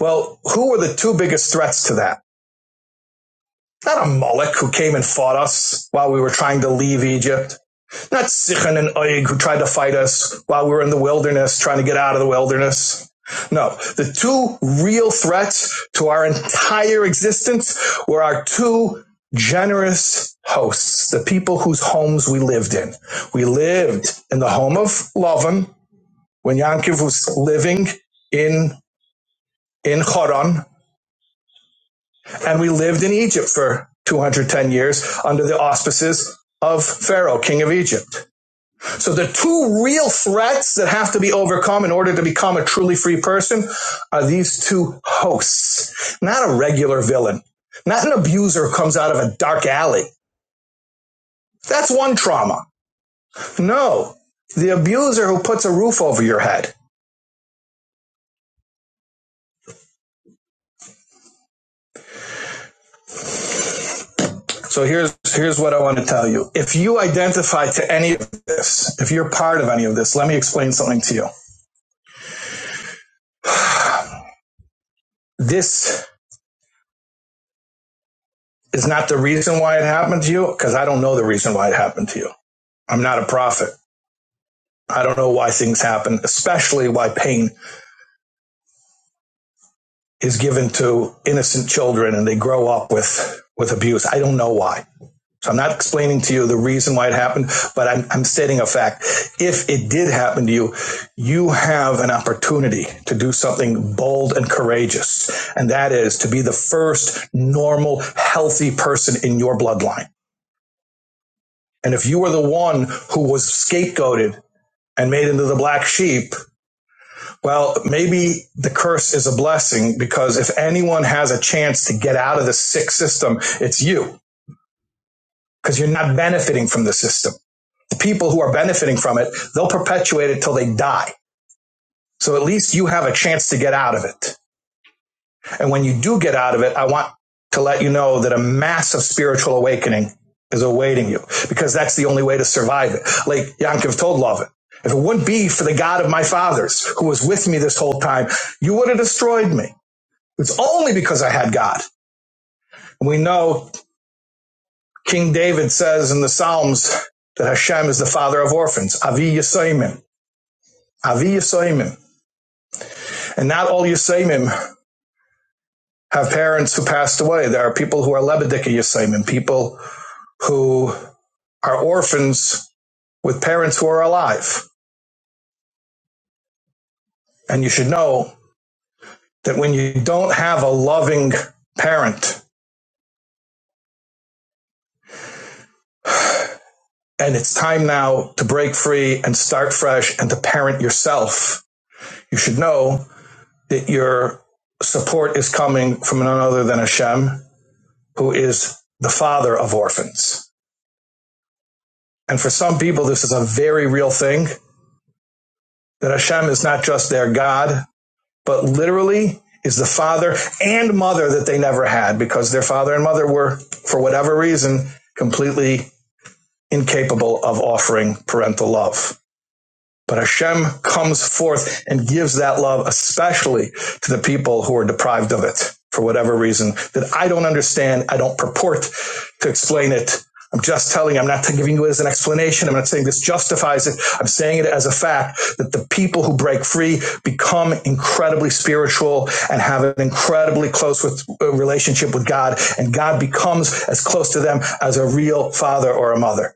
[SPEAKER 3] Well, who were the two biggest threats to that? Not a Moloch who came and fought us while we were trying to leave Egypt not Sichon and Og who tried to fight us while we were in the wilderness, trying to get out of the wilderness. No, the two real threats to our entire existence were our two generous hosts, the people whose homes we lived in. We lived in the home of Lavan when Yankiv was living in in Choron, and we lived in Egypt for 210 years under the auspices of Pharaoh, king of Egypt. So the two real threats that have to be overcome in order to become a truly free person are these two hosts, not a regular villain, not an abuser who comes out of a dark alley. That's one trauma. No, the abuser who puts a roof over your head. So here's here's what I want to tell you. If you identify to any of this, if you're part of any of this, let me explain something to you. This is not the reason why it happened to you because I don't know the reason why it happened to you. I'm not a prophet. I don't know why things happen, especially why pain is given to innocent children and they grow up with, with abuse. I don't know why. So I'm not explaining to you the reason why it happened, but I'm, I'm stating a fact. If it did happen to you, you have an opportunity to do something bold and courageous. And that is to be the first normal, healthy person in your bloodline. And if you were the one who was scapegoated and made into the black sheep, Well, maybe the curse is a blessing because if anyone has a chance to get out of the sick system, it's you because you're not benefiting from the system. The people who are benefiting from it, they'll perpetuate it till they die. So at least you have a chance to get out of it. And when you do get out of it, I want to let you know that a massive spiritual awakening is awaiting you because that's the only way to survive it. Like Yankov told Lovin, if it wouldn't be for the God of my fathers who was with me this whole time, you would have destroyed me. It's only because I had God. And we know King David says in the Psalms that Hashem is the father of orphans. Avi Yisoimim. Avi Yisoimim. And not all Yisoimim have parents who passed away. There are people who are Lebedika Yisoimim, people who are orphans with parents who are alive. And you should know that when you don't have a loving parent, and it's time now to break free and start fresh and to parent yourself, you should know that your support is coming from none other than Hashem, who is the father of orphans. And for some people, this is a very real thing that Hashem is not just their God, but literally is the father and mother that they never had because their father and mother were, for whatever reason, completely incapable of offering parental love. But Hashem comes forth and gives that love, especially to the people who are deprived of it for whatever reason that I don't understand. I don't purport to explain it. I'm just telling you, I'm not giving you it as an explanation. I'm not saying this justifies it. I'm saying it as a fact that the people who break free become incredibly spiritual and have an incredibly close with, uh, relationship with God. And God becomes as close to them as a real father or a mother.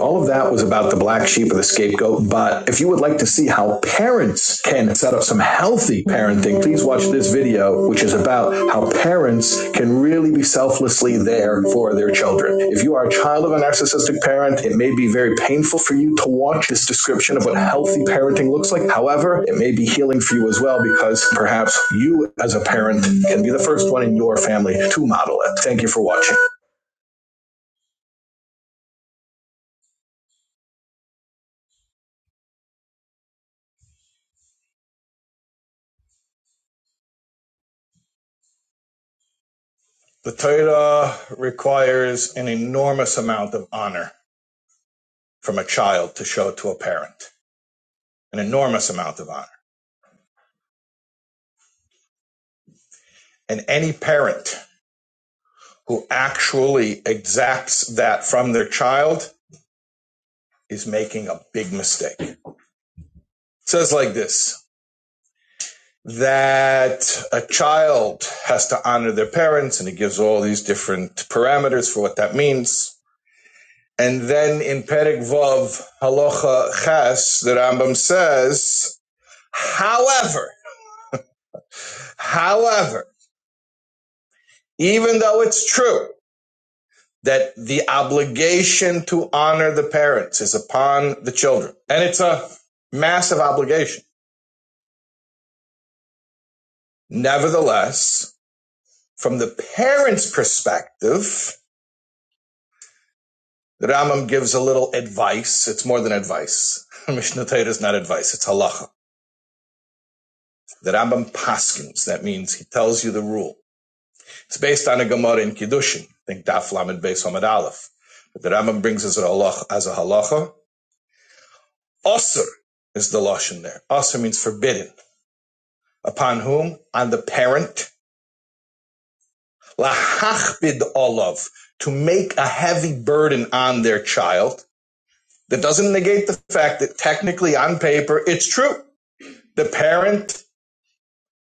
[SPEAKER 3] All of that was about the black sheep or the scapegoat. But if you would like to see how parents can set up some healthy parenting, please watch this video, which is about how parents can really be selflessly there for their children. If you are a child of a narcissistic parent, it may be very painful for you to watch this description of what healthy parenting looks like. However, it may be healing for you as well because perhaps you, as a parent, can be the first one in your family to model it. Thank you for watching. The Torah requires an enormous amount of honor from a child to show to a parent, an enormous amount of honor. And any parent who actually exacts that from their child is making a big mistake. It says like this that a child has to honor their parents, and it gives all these different parameters for what that means And then in Perek Vav Halacha Ches, the Rambam says, however, however, even though it's true that the obligation to honor the parents is upon the children, and it's a massive obligation. Nevertheless, from the parents' perspective, the Rambam gives a little advice. It's more than advice. [laughs] Mishnah Torah is not advice; it's halacha. The Rambam paskins. That means he tells you the rule. It's based on a Gemara in Kiddushin. I think Daf Lamed Beis Hamad Aleph. But the Rambam brings as a halacha. As a halacha. Osir is the lashon there. Osir means forbidden. Upon whom? On the parent. Lahachbid olav to make a heavy burden on their child. That doesn't negate the fact that technically on paper it's true. The parent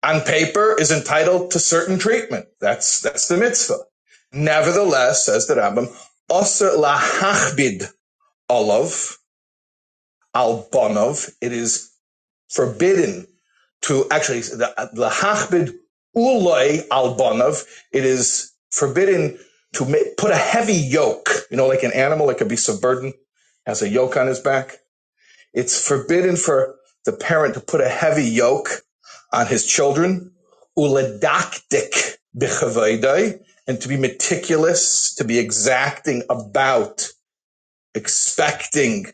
[SPEAKER 3] on paper is entitled to certain treatment. That's that's the mitzvah. Nevertheless, says the Rambam, osir lahachbid olav, al bonov. It is forbidden to actually the the hachbid uloi al bonov. It is forbidden to ma- put a heavy yoke. You know, like an animal that could be subburdened has a yoke on his back. It's forbidden for the parent to put a heavy yoke on his children. Uladaktik bichavayday, and to be meticulous, to be exacting about expecting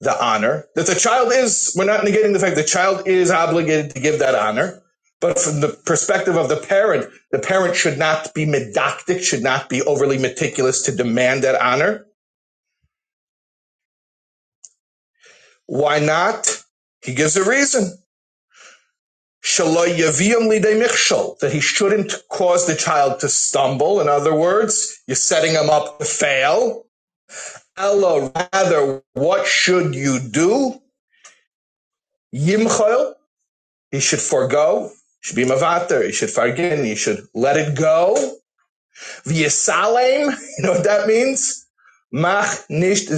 [SPEAKER 3] the honor that the child is we're not negating the fact the child is obligated to give that honor but from the perspective of the parent the parent should not be medoctic should not be overly meticulous to demand that honor why not he gives a reason "Shelo yaviim lidei mikshol," that he shouldn't cause the child to stumble in other words you're setting him up to fail Ella, rather what should you do yimchol He should forego. Should be mavater. He should fargin. He should let it go. V'yisalem. [laughs] You know what that means? Mach nicht,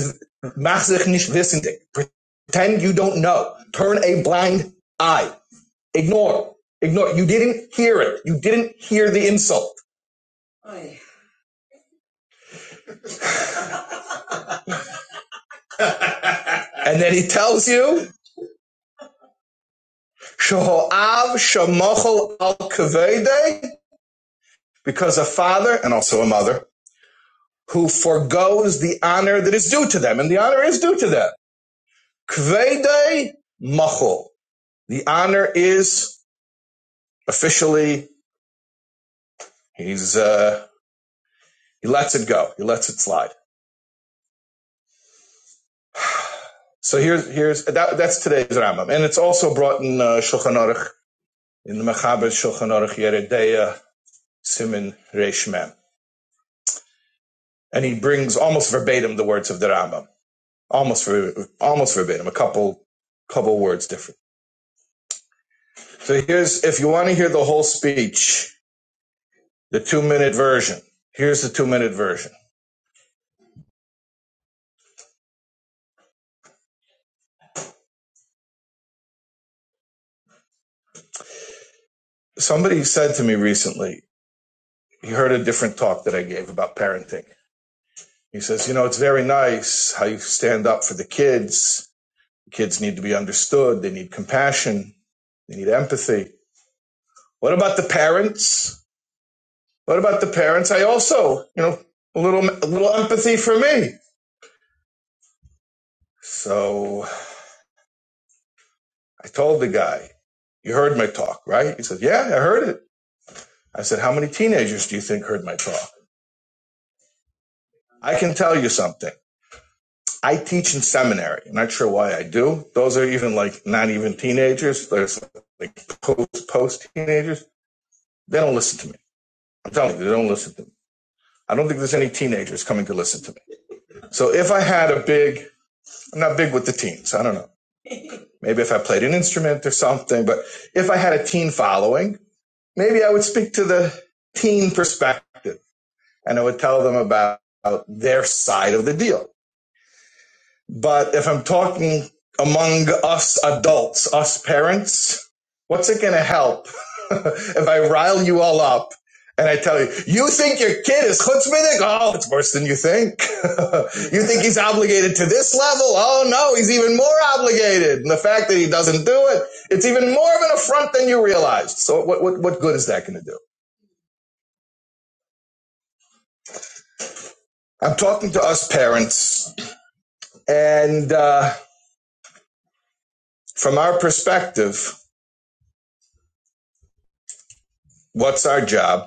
[SPEAKER 3] mach sich nicht wissendig. Pretend you don't know. Turn a blind eye. Ignore. Ignore. You didn't hear it. You didn't hear the insult. [laughs] and then he tells you, Shehoav shamochel al kavede, because a father and also a mother who forgoes the honor that is due to them, and the honor is due to them. Kvede machol. The honor is officially he's uh, he lets it go, he lets it slide. So here's here's that, that's today's Rambam, and it's also brought in uh, Shulchan Aruch in the Mechaber Shulchan Aruch Yeredeya Simin Reish Mem, and he brings almost verbatim the words of the Rambam, almost almost verbatim, a couple couple words different. So here's if you want to hear the whole speech The two minute version. Here's the two minute version. Somebody said to me recently, he heard a different talk that I gave about parenting. He says, You know, it's very nice how you stand up for the kids. Kids need to be understood. They need compassion. They need empathy. What about the parents? What about the parents? I also, you know, a little, a little empathy for me. So I told the guy, you heard my talk, right? He said, Yeah, I heard it. I said, How many teenagers do you think heard my talk? I can tell you something. I teach in seminary. I'm not sure why I do. Those are even like not even teenagers. There's like post post teenagers. They don't listen to me. I'm telling you, they don't listen to me. I don't think there's any teenagers coming to listen to me. So if I had a big, I'm not big with the teens. I don't know. Maybe if I played an instrument or something, but if I had a teen following, maybe I would speak to the teen perspective and I would tell them about their side of the deal But if I'm talking among us adults, us parents, what's it going to help [laughs] if I rile you all up and I tell you, you think your kid is chutzpahdik? Oh, it's worse than you think. [laughs] you think he's obligated to this level? Oh no, he's even more obligated. And the fact that he doesn't do it, it's even more of an affront than you realized. So what, what, what good is that going to do? I'm talking to us parents and, uh, from our perspective, what's our job?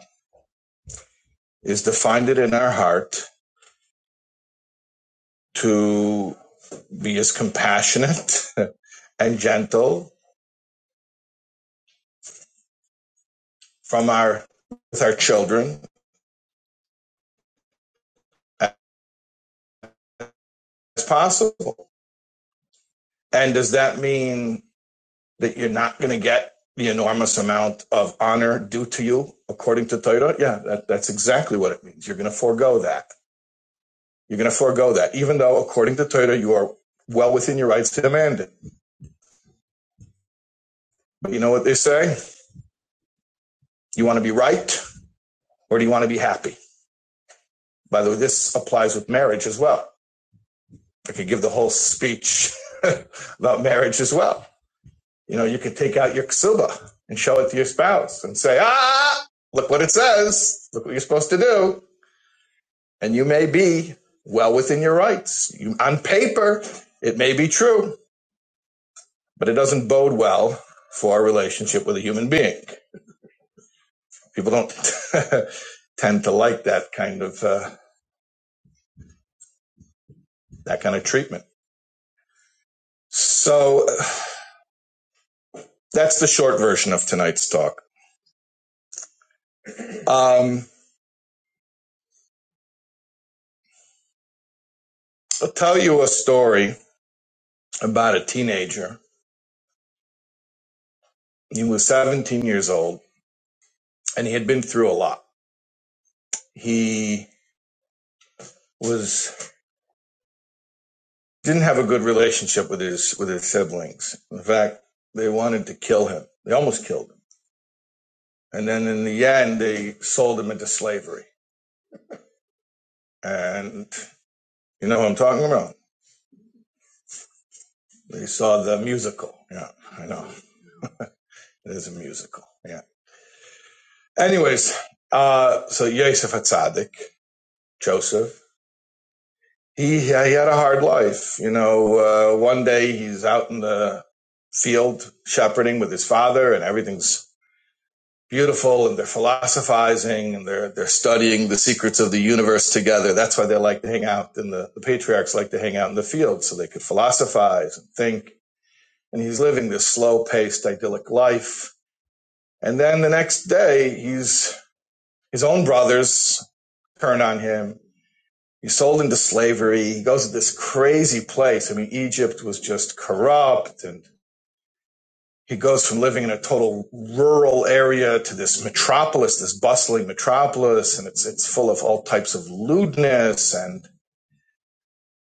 [SPEAKER 3] is to find it in our heart to be as compassionate [laughs] and gentle from our with our children as possible. And does that mean that you're not going to get the enormous amount of honor due to you according to Torah? Yeah, that, that's exactly what it means. You're going to forego that. You're going to forego that, even though according to Torah you are well within your rights to demand it. But you know what they say? You want to be right or do you want to be happy? By the way, this applies with marriage as well. I could give the whole speech [laughs] about marriage as well. You know, you could take out your ksuba and show it to your spouse and say, ah, look what it says. Look what you're supposed to do. And you may be well within your rights. You, on paper, it may be true, but it doesn't bode well for a relationship with a human being. People don't [laughs] tend to like that kind of, uh, that kind of treatment. So uh, that's the short version of tonight's talk. Um, I'll tell you a story about a teenager. He was 17 years old and he had been through a lot. He was didn't have a good relationship with his with his siblings. In fact, they wanted to kill him. They almost killed him. And then in the end they sold him into slavery. And you know what I'm talking about? They saw the musical. Yeah, I know. It is a musical. Yeah. Anyways, uh so Yosef Hatzadik, Joseph He, he had a hard life. You know, uh, one day he's out in the field shepherding with his father, and everything's beautiful, and they're philosophizing, and they're they're studying the secrets of the universe together. That's why they like to hang out, and the, the patriarchs like to hang out in the field so they could philosophize and think. And he's living this slow-paced, idyllic life. And then the next day, he's his own brothers turn on him He's sold into slavery. He goes to this crazy place. I mean, Egypt was just corrupt. And he goes from living in a total rural area to this metropolis, this bustling metropolis. And it's, it's full of all types of lewdness. And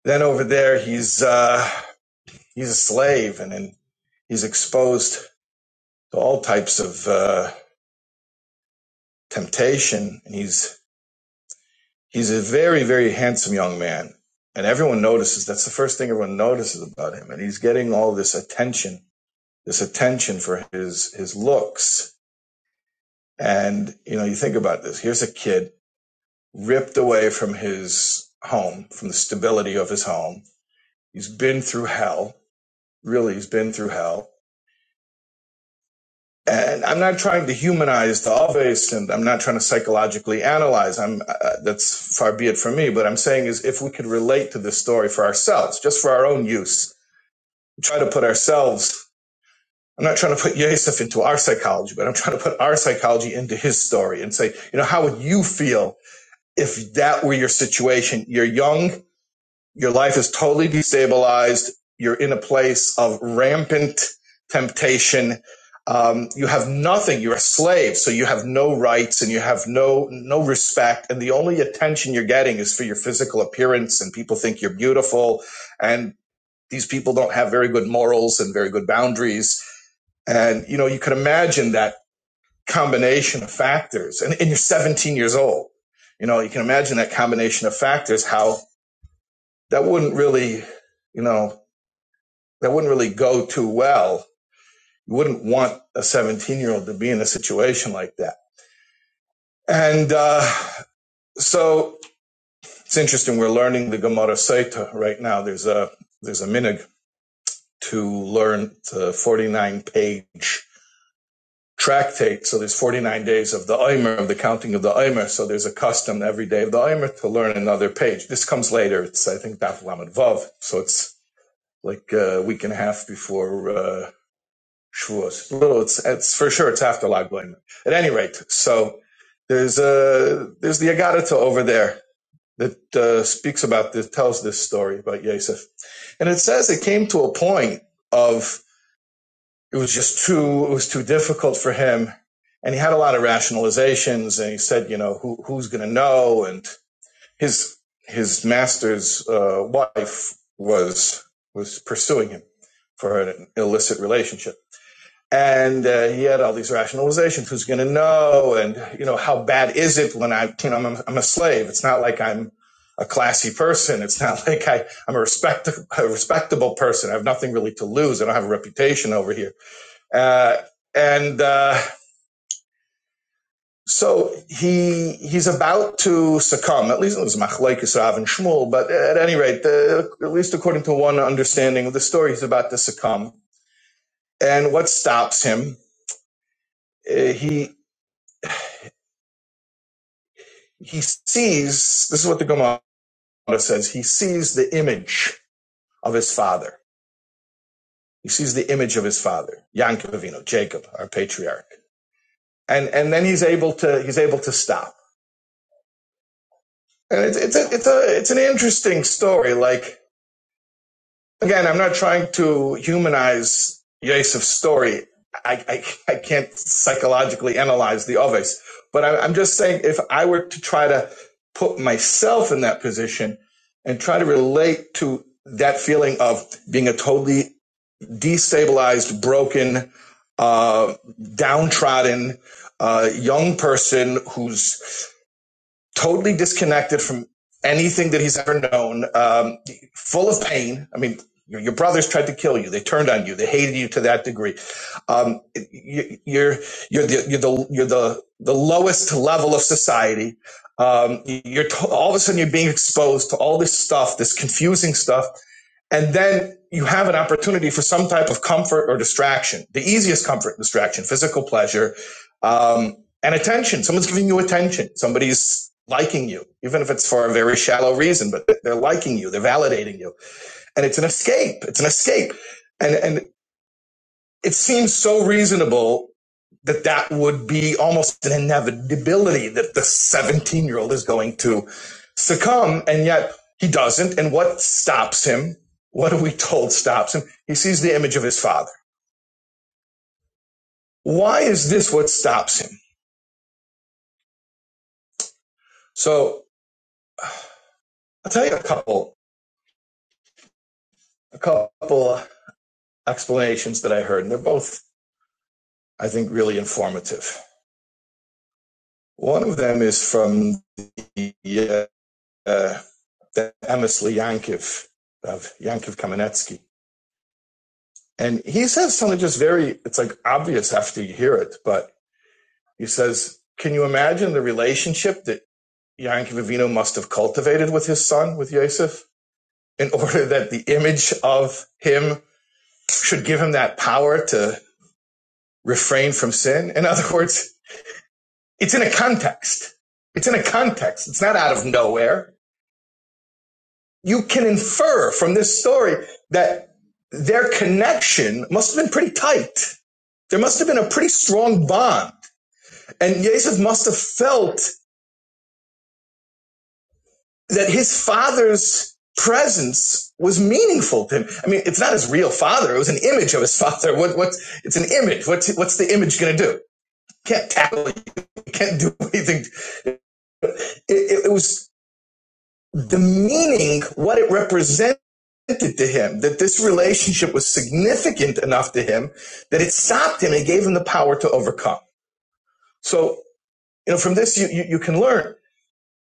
[SPEAKER 3] then over there, he's, uh, he's a slave and then he's exposed to all types of, uh, temptation. And he's, he's a very, very handsome young man. And everyone notices. That's the first thing everyone notices about him. And he's getting all this attention this attention for his his looks. And you know, you think about this. Here's a kid ripped away from his home, from the stability of his home. He's been through hell. Really, he's been through hell. And I'm not trying to humanize Alves, and I'm not trying to psychologically analyze. I'm uh, uh, that's far be it from me. But I'm saying is, if we could relate to this story for ourselves, just for our own use, try to put ourselves I'm not trying to put Yosef into our psychology, but I'm trying to put our psychology into his story and say, you know, how would you feel if that were your situation? You're young, your life is totally destabilized, you're in a place of rampant temptation. Um, you have nothing. You're a slave, so you have no rights and you have no no respect. And the only attention you're getting is for your physical appearance, and people think you're beautiful. And these people don't have very good morals and very good boundaries and, you know, you could imagine that combination of factors. And, and you're 17 years old. You know, you can imagine that combination of factors, how that wouldn't really, you know, that wouldn't really go too well. You wouldn't want a 17 year old to be in a situation like that. And uh, so it's interesting. We're learning the Gemara Saita right now. There's a, there's a minig to learn the 49 page tractate. So there's 49 days of the Omer, of the counting of the Omer. So there's a custom every day of the Omer to learn another page. This comes later. It's, I think, Daf Lamed Vav. So it's like a week and a half before uh, Shavuos. Little, it's, it's for sure it's after Lag BaOmer. At any rate, so there's a there's the Agadah over there that uh, speaks about this, tells this story about Yosef. And it says it came to a point of it was just too it was too difficult for him and he had a lot of rationalizations and he said you know who who's going to know and his his master's uh, wife was was pursuing him for an illicit relationship and uh, he had all these rationalizations who's going to know and you know how bad is it when i you know i'm, a- I'm a slave it's not like i'm a classy person it's not [laughs] like I, i'm a, respect, a respectable person i have nothing really to lose i don't have a reputation over here uh, and uh, so he he's about to succumb. At least it was Machlekes Rav and Shmuel, but at any rate, the, at least according to one understanding of the story, he's about to succumb. And what stops him? Uh, he he sees. This is what the Gemara says. He sees the image of his father. He sees the image of his father, Yankov Avinu, Jacob, our patriarch, and and then he's able to he's able to stop. And it's it's a, it's a it's an interesting story. Like Again, I'm not trying to humanize Yosef's story. I, I, I can't psychologically analyze the others, but I, I'm just saying if I were to try to put myself in that position and try to relate to that feeling of being a totally destabilized, broken, uh, downtrodden uh, young person who's totally disconnected from anything that he's ever known, um, full of pain. I mean, your, your brothers tried to kill you. They turned on you. They hated you to that degree. Um, you, you're you're the you're the you're the the lowest level of society. Um, you're to- all of a sudden you're being exposed to all this stuff, this confusing stuff and then you have an opportunity for some type of comfort or distraction the easiest comfort and distraction physical pleasure um, and attention someone's giving you attention somebody's liking you even if it's for a very shallow reason but they're liking you they're validating you and it's an escape it's an escape And and. It seems so reasonable that that would be almost an inevitability that the 17 year old is going to succumb. And yet he doesn't. And what stops him? What are we told stops him? He sees the image of his father. Why is this what stops him? So I'll tell you a couple, a couple explanations that I heard, and they're both, I think, really informative. One of them is from the, uh, the Emersley Yankiv of Yankiv Kamenetsky. And he says something just very, it's like obvious after you hear it, but he says, Can you imagine the relationship that Yankee Vivino must have cultivated with his son, with Yosef, in order that the image of him should give him that power to refrain from sin? In other words, it's in a context. It's in a context. It's not out of nowhere you can infer from this story that their connection must have been pretty tight. There must have been a pretty strong bond. And Yosef must have felt that his father's presence was meaningful to him. I mean, it's not his real father. It was an image of his father. What, what, it's an image. What's, what's the image going to do? Can't tackle you. Can't do [laughs] anything. It, it, it was the meaning, what it represented to him, that this relationship was significant enough to him that it stopped him and gave him the power to overcome. So, you know, from this, you, you, you can learn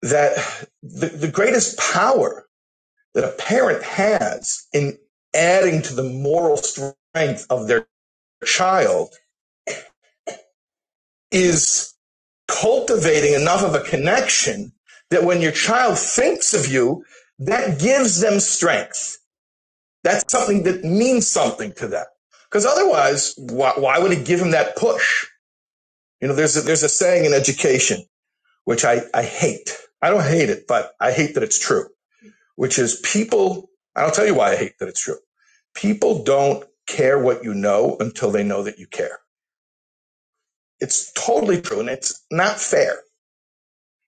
[SPEAKER 3] that the, the greatest power that a parent has in adding to the moral strength of their child is cultivating enough of a connection that when your child thinks of you, that gives them strength That's something that means something to them. Because otherwise, why, why would it give them that push? You know, there's a, there's a saying in education, which I, I hate. I don't hate it, but I hate that it's true, which is people, and I'll tell you why I hate that it's true. People don't care what you know until they know that you care. It's totally true and it's not fair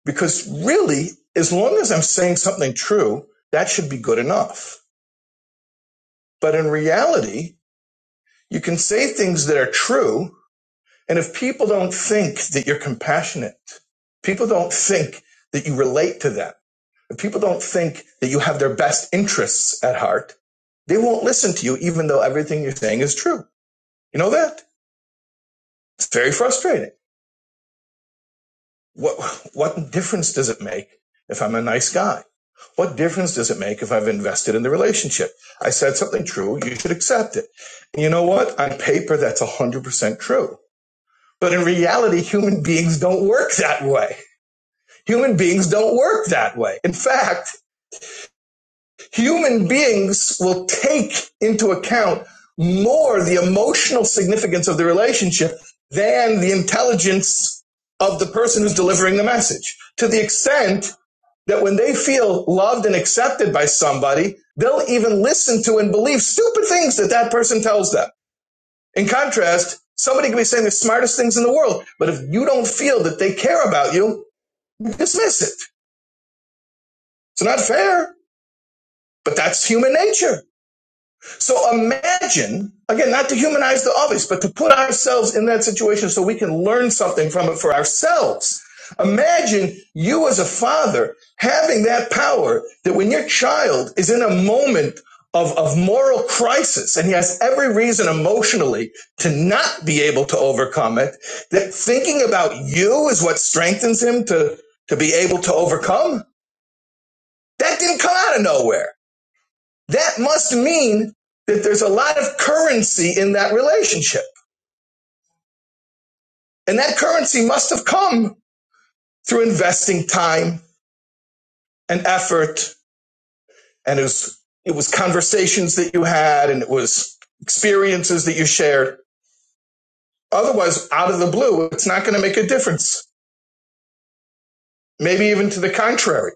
[SPEAKER 3] because really, as long as I'm saying something true, that should be good enough. But in reality, you can say things that are true And if people don't think that you're compassionate, people don't think that you relate to them, if people don't think that you have their best interests at heart, they won't listen to you, even though everything you're saying is true. You know that? It's very frustrating. What, what difference does it make if I'm a nice guy? What difference does it make if I've invested in the relationship? I said something true, you should accept it. And you know what? On paper, that's 100% true. But in reality, human beings don't work that way Human beings don't work that way. In fact, human beings will take into account more the emotional significance of the relationship than the intelligence of the person who's delivering the message to the extent that when they feel loved and accepted by somebody, they'll even listen to and believe stupid things that that person tells them. In contrast, somebody can be saying the smartest things in the world, but if you don't feel that they care about you, you dismiss it. It's not fair. But that's human nature. So imagine, again, not to humanize the obvious, but to put ourselves in that situation so we can learn something from it for ourselves. Imagine you as a father having that power that when your child is in a moment of, of moral crisis and he has every reason emotionally to not be able to overcome it, that thinking about you is what strengthens him to, to be able to overcome. That didn't come out of nowhere. That must mean that there's a lot of currency in that relationship. And that currency must have come through investing time and effort. And it was, it was conversations that you had and it was experiences that you shared. Otherwise, out of the blue, it's not going to make a difference. Maybe even to the contrary.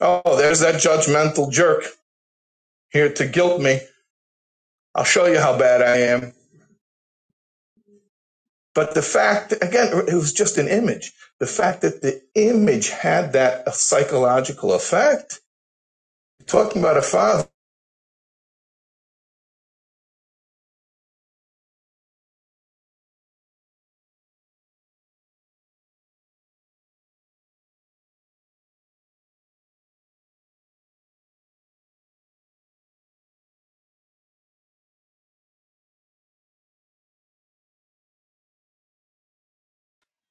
[SPEAKER 3] Oh, there's that judgmental jerk here to guilt me. I'll show you how bad I am. But the fact, again, it was just an image. The fact that the image had that psychological effect, talking about a father.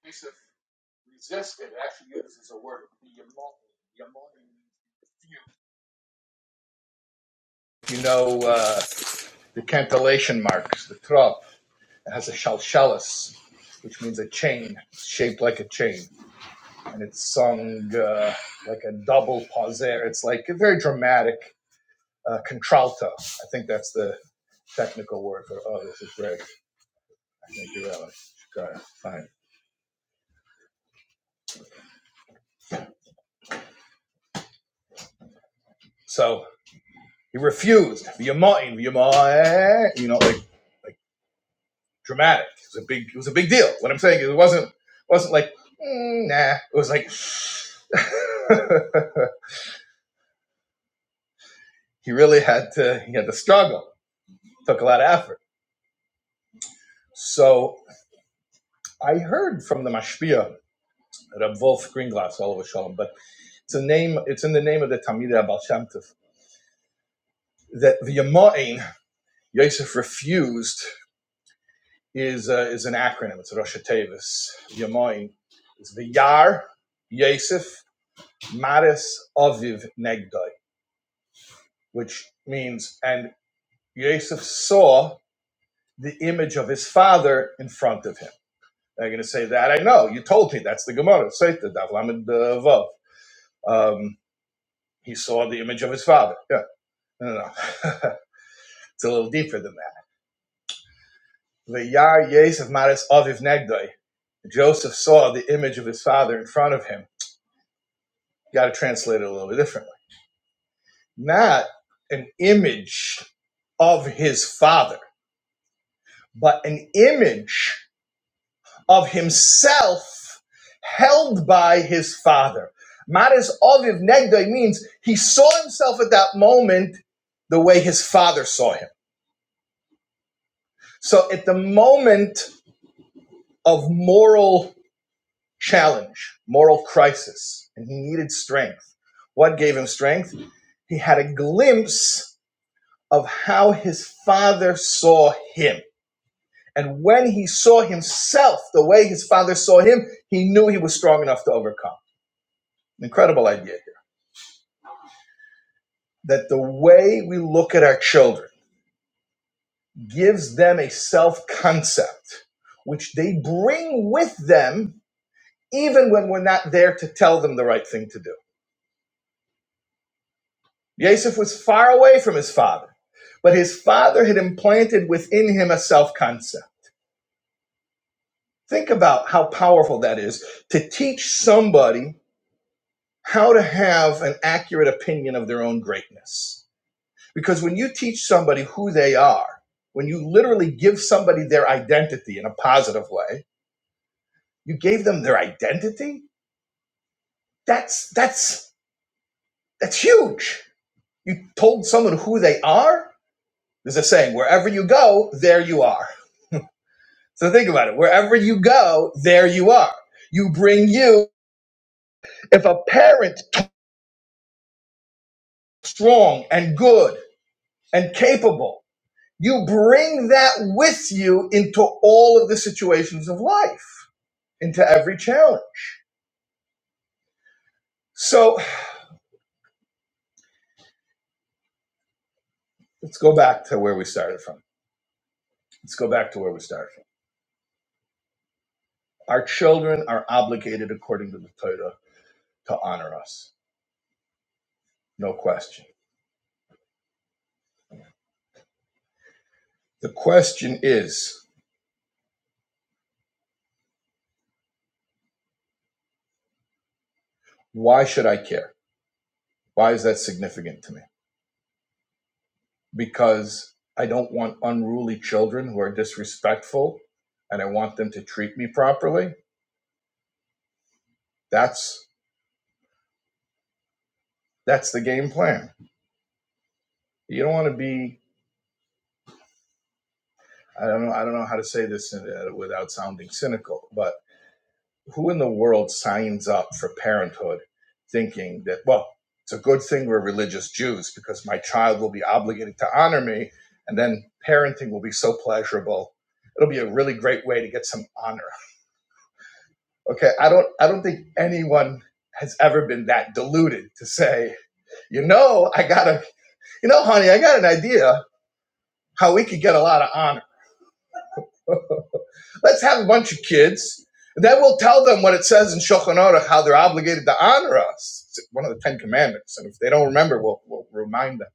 [SPEAKER 1] Piece of resisted actually uses a word. You know. Uh... The cantillation marks the trop it has a "shalshalis", which means a chain, It's shaped like a chain, and it's sung uh, like a double pauser. It's like a very dramatic uh, contralto. I think that's the technical word for. Oh, this is great. I think you're right. Got it. Fine. So he refused. V'yamoin, v'yamoin. You know, like like dramatic. It was a big. It was a big deal. What I'm saying is, it wasn't wasn't like "Mm, nah. It was like. [laughs] he really had to he had to struggle. Took a lot of effort. So I heard from the Mashpia, Rab Wolf Greenglass, all over Shalom, but it's a name. It's in the name of the Talmidei Abal Shem Tov, that the Yamoin Yosef refused is uh, is an acronym. It's Rosh Tevis. Yamoin is the Yar Yosef Maris Aviv Negdoi, which means and Yosef saw the image of his father in front of him. They're going to say that I know. You told me that's the Gemara. Say the Davlamin Vav. Um, he saw the image of his father. Yeah, no, no, no. [laughs] it's a little deeper than that. The Yosef Maris Aviv Negdoi. Joseph saw the image of his father in front of him. You got to translate it a little bit differently. Not an image of his father, but an image. of himself held by his father. Maris Oviv Negdoi means he saw himself at that moment the way his father saw him. So at the moment of moral challenge, moral crisis, and he needed strength, what gave him strength? He had a glimpse of how his father saw him. And when he saw himself the way his father saw him, he knew he was strong enough to overcome. Incredible idea. that the way we look at our children gives them a self concept which they bring with them even when we're not there to tell them the right thing to do. Yosef was far away from his father, but his father had implanted within him a self concept. Think about how powerful that is to teach somebody how to have an accurate opinion of their own greatness Because when you teach somebody who they are, when you literally give somebody their identity in a positive way, you gave them their identity? That's that's that's huge. You told someone who they are? There's a saying, wherever you go, there you are. So think about it. Wherever you go, there you are. You bring you if a parent strong and good and capable, you bring that with you into all of the situations of life, into every challenge. So Let's go back to where we started from. Let's go back to where we started from. Our children are obligated according to the Torah to honor us. No question. The question is, why should I care? Why is that significant to me? Because I don't want unruly children who are disrespectful and I want them to treat me properly. That's that's the game plan. You don't want to be I don't know I don't know how to say this uh, without sounding cynical, but. who in the world signs up for parenthood thinking that well it's a good thing we're religious jews because my child will be obligated to honor me and then parenting will be so pleasurable it'll be a really great way to get some honor okay i don't i don't think anyone has ever been that deluded to say you know i got a you know honey i got an idea how we could get a lot of honor Let's have a bunch of kids. and Then we'll tell them what it says in Shulchan Aruch, how they're obligated to honor us. It's one of the Ten Commandments. And if they don't remember, we'll, we'll remind them.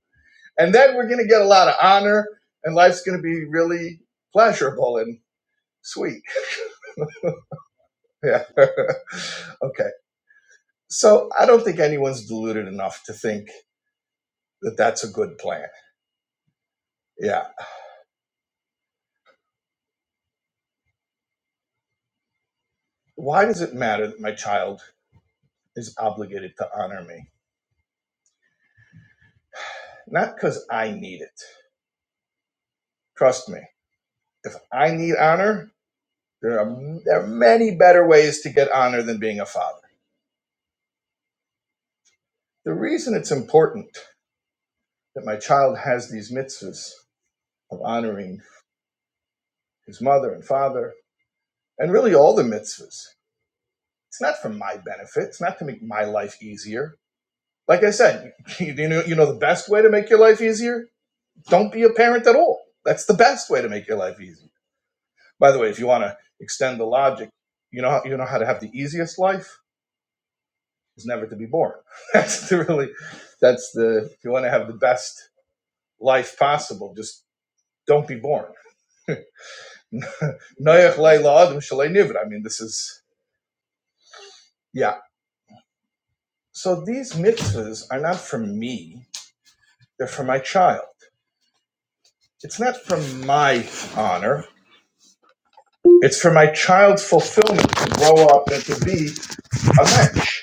[SPEAKER 1] And then we're going to get a lot of honor, and life's going to be really pleasurable and sweet. Yeah. [laughs] okay. So I don't think anyone's deluded enough to think that that's a good plan. Yeah. Why does it matter that my child is obligated to honor me? Not because I need it. Trust me, if I need honor, There are, there are many better ways to get honor than being a father. The reason it's important that my child has these mitzvahs of honoring his mother and father, and really all the mitzvahs, it's not for my benefit. It's not to make my life easier. Like I said, [laughs] you, know, you know the best way to make your life easier? Don't be a parent at all. That's the best way to make your life easy. By the way, if you want to extend the logic, you know, you know how to have the easiest life? is never to be born. [laughs] That's the really, that's the, if you want to have the best life possible, just don't be born. [laughs] Noach leila adam shalei I mean, this is, yeah. So these mitzvahs are not for me, they're for my child. It's not for my honor, it's for my child's fulfillment to grow up and to be a mensch.